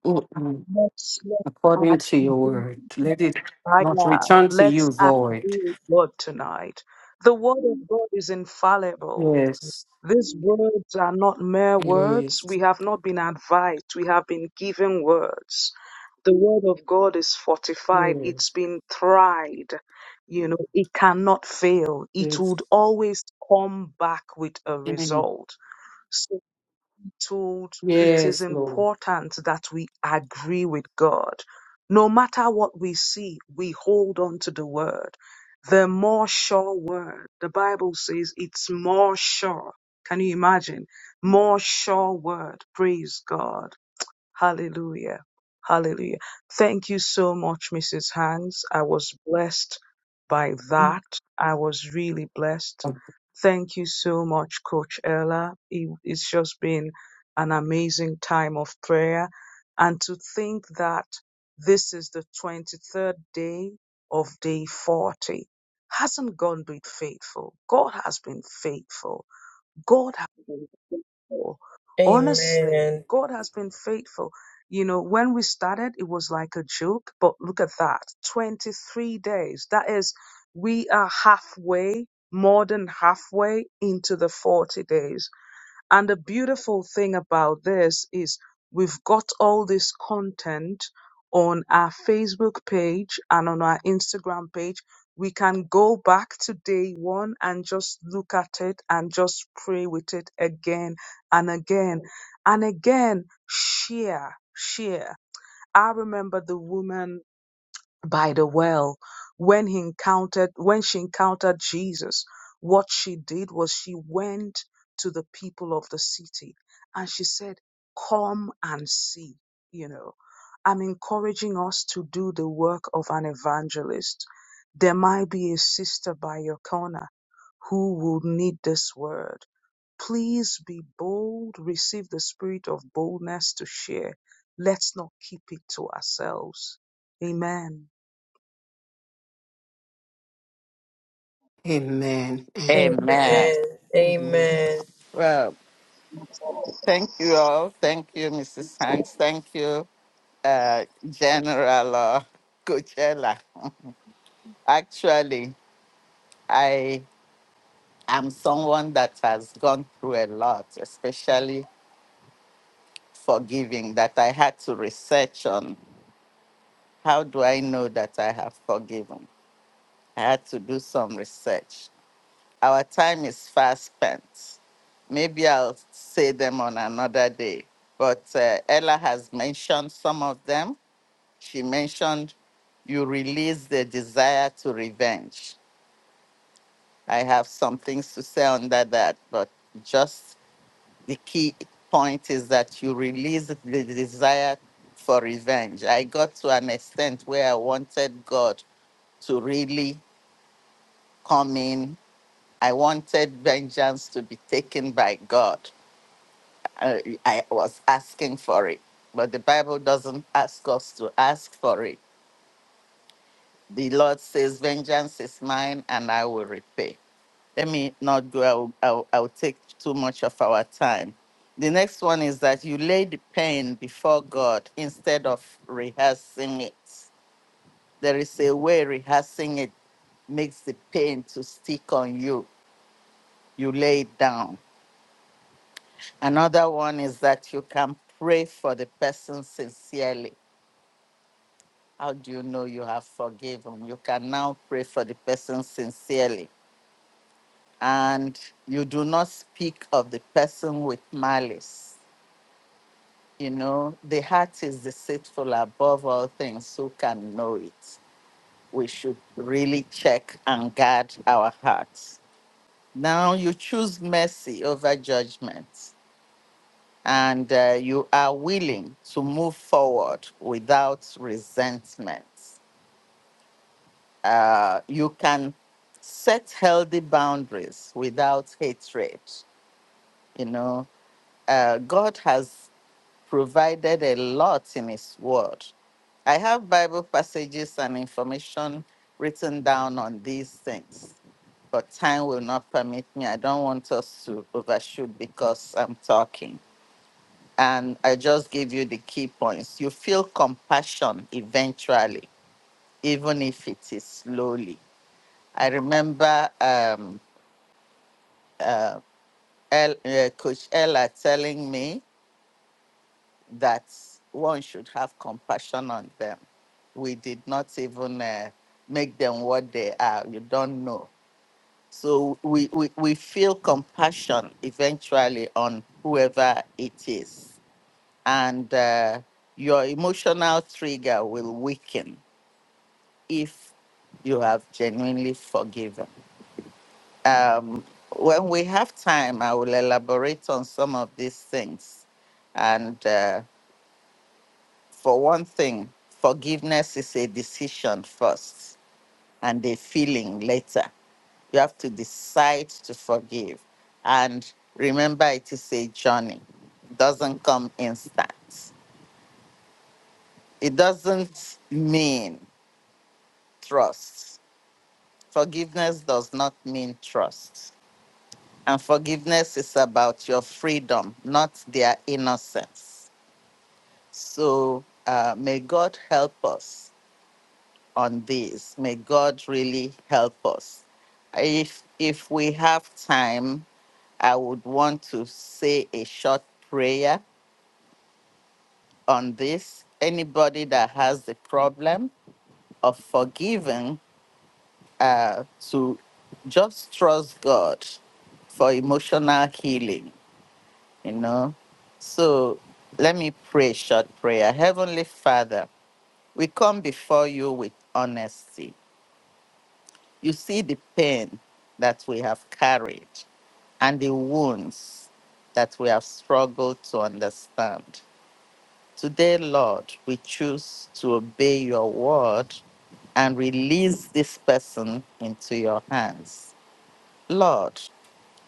[SPEAKER 1] Mm-mm.
[SPEAKER 3] Let's let
[SPEAKER 1] According to your
[SPEAKER 3] our
[SPEAKER 1] word. Let it
[SPEAKER 3] Right
[SPEAKER 1] not
[SPEAKER 3] now,
[SPEAKER 1] return to
[SPEAKER 3] let's
[SPEAKER 1] you void.
[SPEAKER 3] agree, God, tonight. The word of God is infallible.
[SPEAKER 1] Yes.
[SPEAKER 3] These words are not mere words.
[SPEAKER 1] Yes.
[SPEAKER 3] We have not been advised. We have been given words. The word of God is fortified. It's
[SPEAKER 1] Yes.
[SPEAKER 3] been tried. You know, it cannot fail. It
[SPEAKER 1] Yes.
[SPEAKER 3] would always come back with a result. So told it is
[SPEAKER 1] Yes, Lord.
[SPEAKER 3] important that we agree with God. No matter what we see, we hold on to the word. The more sure word. The Bible says it's more sure. Can you imagine? More sure word. Praise God. Hallelujah. Hallelujah. Thank you so much, Mrs. Hanks. I was blessed by that. I was really blessed. Thank you so much, Coach Ella. It- It's just been an amazing time of prayer. And to think that this is the 23rd day of day 40 hasn't God been faithful? God has been faithful. God has been faithful. Honestly,
[SPEAKER 2] Amen.
[SPEAKER 3] God has been faithful. You know, when we started, it was like a joke, but look at that 23 days. That is, we are halfway, more than halfway into the 40 days and the beautiful thing about this is we've got all this content on our Facebook page and on our Instagram page. We can go back to day one and just look at it and just pray with it again and again and again. Share, share. I remember the woman by the well when he encountered when she encountered Jesus what she did was she went to the people of the city and she said come and see you know i'm encouraging us to do the work of an evangelist there might be a sister by your corner who will need this word please be bold receive the spirit of boldness to share let's not keep it to ourselves amen
[SPEAKER 1] Amen.
[SPEAKER 2] Amen.
[SPEAKER 4] Amen.
[SPEAKER 2] Amen.
[SPEAKER 4] Well, thank you all. Thank you, Mrs. Hanks. Thank you, uh, General uh, Coachella. Actually, I am someone that has gone through a lot, especially forgiving, that I had to research on how do I know that I have forgiven. I had to do some research. Our time is fast spent. Maybe I'll say them on another day. But uh, Ella has mentioned some of them. She mentioned you release the desire to revenge. I have some things to say under that, but just the key point is that you release the desire for revenge. I got to an extent where I wanted God to really come in. I wanted vengeance to be taken by God. I, I was asking for it. But the Bible doesn't ask us to ask for it. The Lord says, Vengeance is mine and I will repay. Let me not go, I'll, I'll, I'll take too much of our time. The next one is that you lay the pain before God instead of rehearsing it. There is a way rehearsing it makes the pain to stick on you. You lay it down. Another one is that you can pray for the person sincerely How do you know you have forgiven? You can now pray for the person sincerely. And you do not speak of the person with malice. You know, the heart is deceitful above all things. Who can know it? We should really check and guard our hearts. Now you choose mercy over judgment, and uh, you are willing to move forward without resentment. uh, you can set healthy boundaries without hatred. You know, uh, God has provided a lot in His Word. I have Bible passages and information written down on these things, but time will not permit me. I don't want us to overshoot because I'm talking. And I just give you the key points. You feel compassion eventually, even if it is slowly I remember um, uh, El, uh, Coach Ella telling me that one should have compassion on them. We did not even uh, make them what they are. You don't know. So we, we, we feel compassion eventually on whoever it is. And uh, your emotional trigger will weaken if you have genuinely forgiven Um, when we have time, I will elaborate on some of these things. And uh, for one thing, forgiveness is a decision first and a feeling later. You have to decide to forgive. And remember, it is a journey, it doesn't come instant. It doesn't mean trust. Forgiveness does not mean trust And forgiveness is about your freedom, not their innocence. So uh, may God help us on this. May God really help us. If if we have time, I would want to say a short prayer on this. Anybody that has the problem of forgiving, uh, to just trust God for emotional healing you know. So let me pray a short prayer. Heavenly Father, we come before you with honesty. You see the pain that we have carried and the wounds that we have struggled to understand. Today, Lord, we choose to obey your word and release this person into your hands. Lord,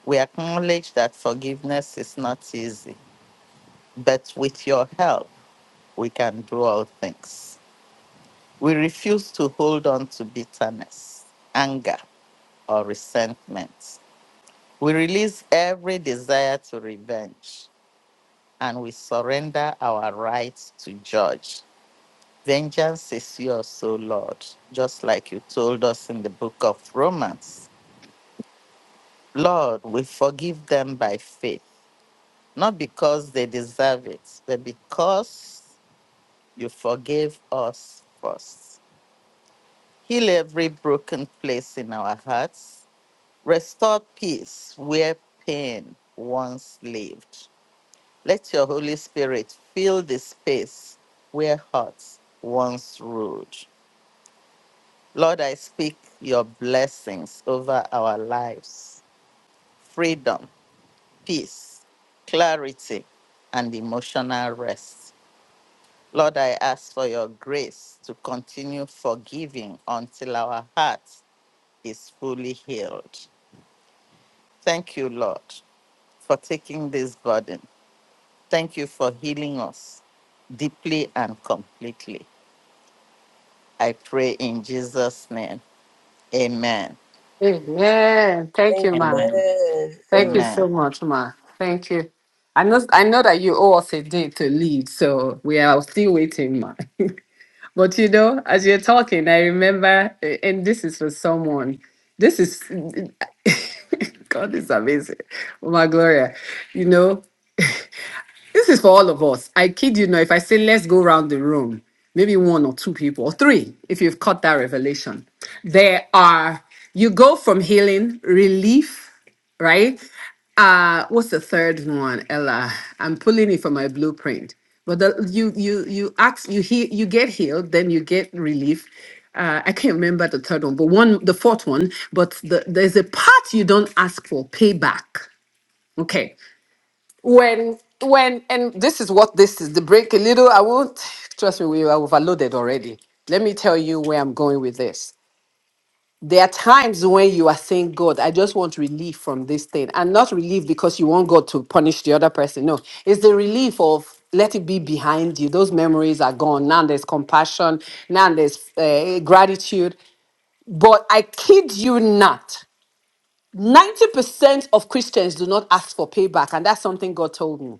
[SPEAKER 4] we acknowledge that forgiveness is not easy, but with your help, we can do all things. We refuse to hold on to bitterness, anger, or resentment. We release every desire to revenge and we surrender our rights to judge. Vengeance is yours, O Lord, just like you told us in the book of Romans. Lord, we forgive them by faith, not because they deserve it, but because you forgave us first. Heal every broken place in our hearts. Restore peace where pain once lived. Let your Holy Spirit fill the space where hearts once ruled. Lord, I speak your blessings over our lives freedom, peace, clarity, and emotional rest. Lord, I ask for your grace to continue forgiving until our heart is fully healed. Thank you, Lord, for taking this burden. Thank you for healing us deeply and completely. I pray in Jesus' name. Amen.
[SPEAKER 1] Amen. Thank you, ma.
[SPEAKER 4] Amen.
[SPEAKER 2] Amen.
[SPEAKER 1] Thank you
[SPEAKER 2] Amen.
[SPEAKER 4] Amen.
[SPEAKER 1] so much, ma. Thank you. I know I know that you owe us a day to leave, so we are still waiting, ma. But you know, as you're talking, I remember, eh, and this is for someone. This is God is amazing. Oh my Gloria. You know. This is for all of us. I kid you not. If I say let's go round the room, maybe one or two people, or three, if you've caught that revelation, there are. You go from healing, relief, right? Uh, what's the third one, Ella? I'm pulling it from my blueprint. But the, you you you ask you heal you get healed, then you get relief. Uh, I can't remember the third one, but one the fourth one. But the, there's a part you don't ask for payback. Okay when when and this is what this is the break a little i won't trust me we are overloaded already let me tell you where i'm going with this there are times when you are saying god i just want relief from this thing and not relief because you want god to punish the other person no it's the relief of let it be behind you those memories are gone now there's compassion now there's uh, gratitude but i kid you not 90% of christians do not ask for payback and that's something god told me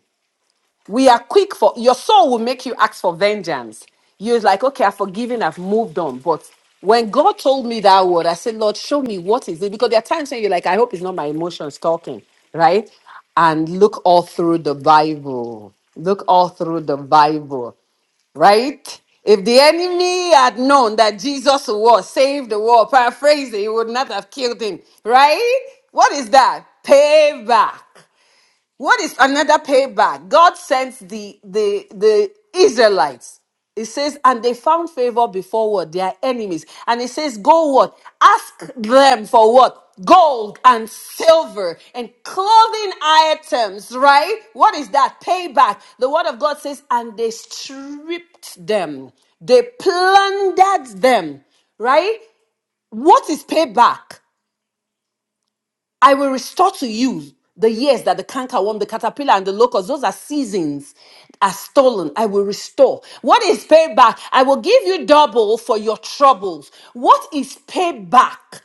[SPEAKER 1] we are quick for your soul will make you ask for vengeance. You're like, okay, I've forgiven, I've moved on. But when God told me that word, I said, Lord, show me what is it? Because there are times when you're like, I hope it's not my emotions talking, right? And look all through the Bible. Look all through the Bible, right? If the enemy had known that Jesus was saved the world, paraphrase it, he would not have killed him, right? What is that? Payback. What is another payback? God sends the the the Israelites. It says, and they found favor before what their enemies. And it says, go what? Ask them for what? Gold and silver and clothing items, right? What is that? Payback. The word of God says, and they stripped them. They plundered them, right? What is payback? I will restore to you the years that the cankerworm, the caterpillar, and the locust, those are seasons, are stolen. I will restore. What is paid back? I will give you double for your troubles. What is payback? Payback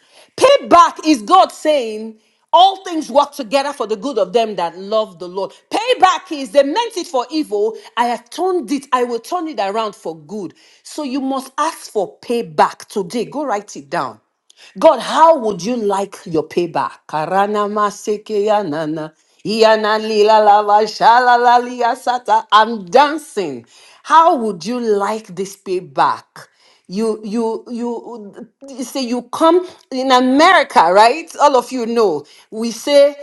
[SPEAKER 1] is God saying, all things work together for the good of them that love the Lord. Payback is they meant it for evil. I have turned it. I will turn it around for good. So you must ask for payback today. Go write it down. God, how would you like your payback? Karana masekeya nana. Iyana lila lava shalala lia sata. I'm dancing. How would you like this payback? You, you, you, you say you come in America, right? All of you know. We say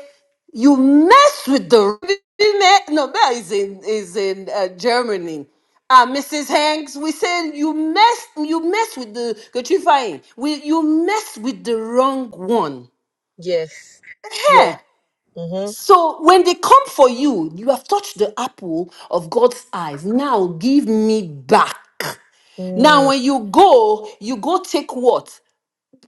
[SPEAKER 1] you mess with the man. no, that is in is in uh, Germany. Uh, Mrs. Hanks, we said you mess you mess with the Katrifying. We you mess with the wrong one.
[SPEAKER 2] Yes. Yes.
[SPEAKER 1] Yeah.
[SPEAKER 2] Mm-hmm.
[SPEAKER 1] So when they come for you, you have touched the apple of God's eyes. Now give me back.
[SPEAKER 2] Mm.
[SPEAKER 1] Now when you go, you go take what?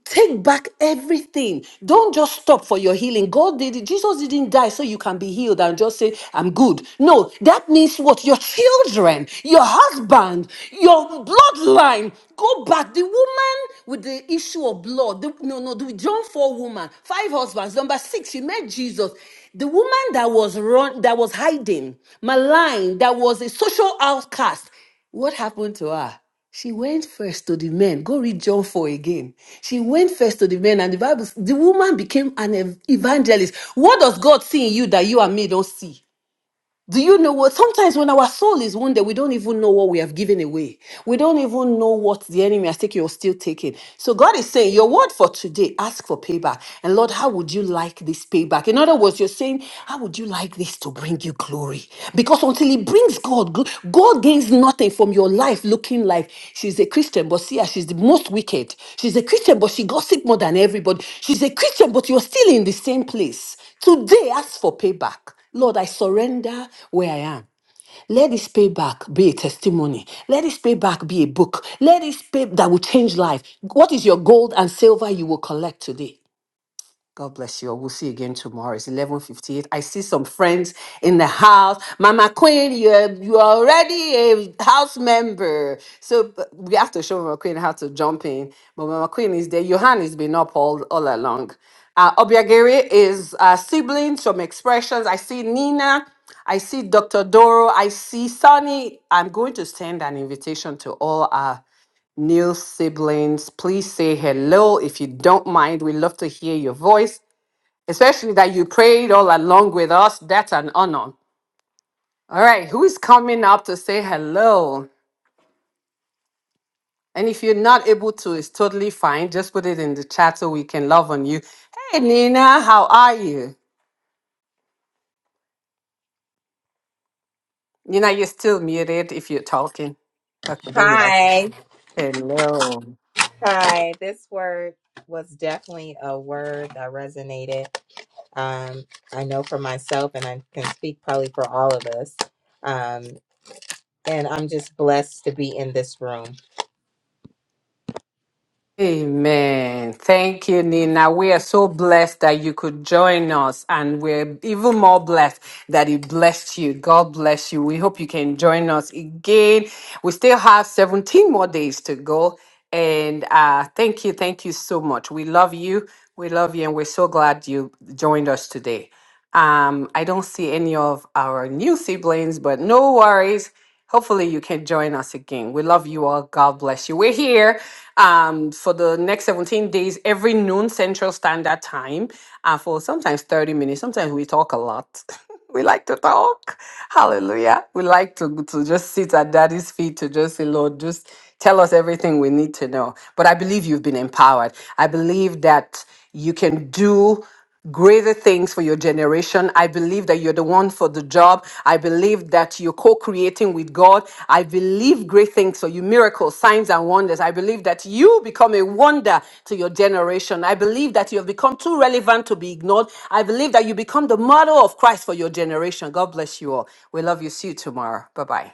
[SPEAKER 1] Take back everything. Don't just stop for your healing. God did it. Jesus didn't die so you can be healed and just say, I'm good. No, that means what? Your children, your husband, your bloodline. Go back. The woman with the issue of blood, the- no, no, the John 4 woman, five husbands. Number six, she met Jesus. The woman that was run, that was hiding, maligned, that was a social outcast. What happened to her? She went first to the men. Go read John 4 again. She went first to the men, and the Bible, the woman became an ev- evangelist. What does God see in you that you and me don't see? Do you know what? Sometimes when our soul is wounded, we don't even know what we have given away. We don't even know what the enemy has taken or still taking. So God is saying, Your word for today, ask for payback. And Lord, how would you like this payback? In other words, you're saying, How would you like this to bring you glory? Because until it brings God, gl- God gains nothing from your life looking like she's a Christian, but see, her, she's the most wicked. She's a Christian, but she gossip more than everybody. She's a Christian, but you're still in the same place. Today, ask for payback. Lord, I surrender where I am. Let this payback be a testimony. Let this payback be a book. Let this pay that will change life. What is your gold and silver you will collect today? God bless you. all. We'll see you again tomorrow. It's eleven fifty eight. I see some friends in the house. Mama Queen, you're you are already a house member. So but we have to show Mama Queen how to jump in. But Mama Queen is there. Johan has been up all, all along. Uh, Obiagere is uh, siblings Some expressions. I see Nina. I see Dr. Doro. I see Sunny. I'm going to send an invitation to all our new siblings. Please say hello if you don't mind. We love to hear your voice especially that you prayed all along with us. That's an honor. All right, who is coming up to say hello? And if you're not able to, it's totally fine. Just put it in the chat so we can love on you. Hey, Nina, how are you? Nina, you're still muted if you're talking. Okay, there you are.
[SPEAKER 5] Hi.
[SPEAKER 1] Hello.
[SPEAKER 5] Hi. This word was definitely a word that resonated. Um, I know for myself, and I can speak probably for all of us. Um, and I'm just blessed to be in this room.
[SPEAKER 1] Amen. Thank you, Nina. We are so blessed that you could join us, and we're even more blessed that it blessed you. God bless you. We hope you can join us again. We still have 17 more days to go. And uh, thank you. Thank you so much. We love you. We love you, and we're so glad you joined us today. Um, I don't see any of our new siblings, but no worries. Hopefully, you can join us again. We love you all. God bless you. We're here um, for the next 17 days, every noon Central Standard Time, uh, for sometimes 30 minutes. Sometimes we talk a lot. we like to talk. Hallelujah. We like to, to just sit at daddy's feet to just say, Lord, just tell us everything we need to know. But I believe you've been empowered. I believe that you can do greater things for your generation. I believe that you're the one the job I that you're co-creating with God. Leave great things for you, miracles, signs, and wonders. I believe that you become a wonder to your generation. I believe that you have become too relevant to be ignored. I believe that you become the model of Christ for your generation. God bless you all. We love you. See you tomorrow. Bye-bye.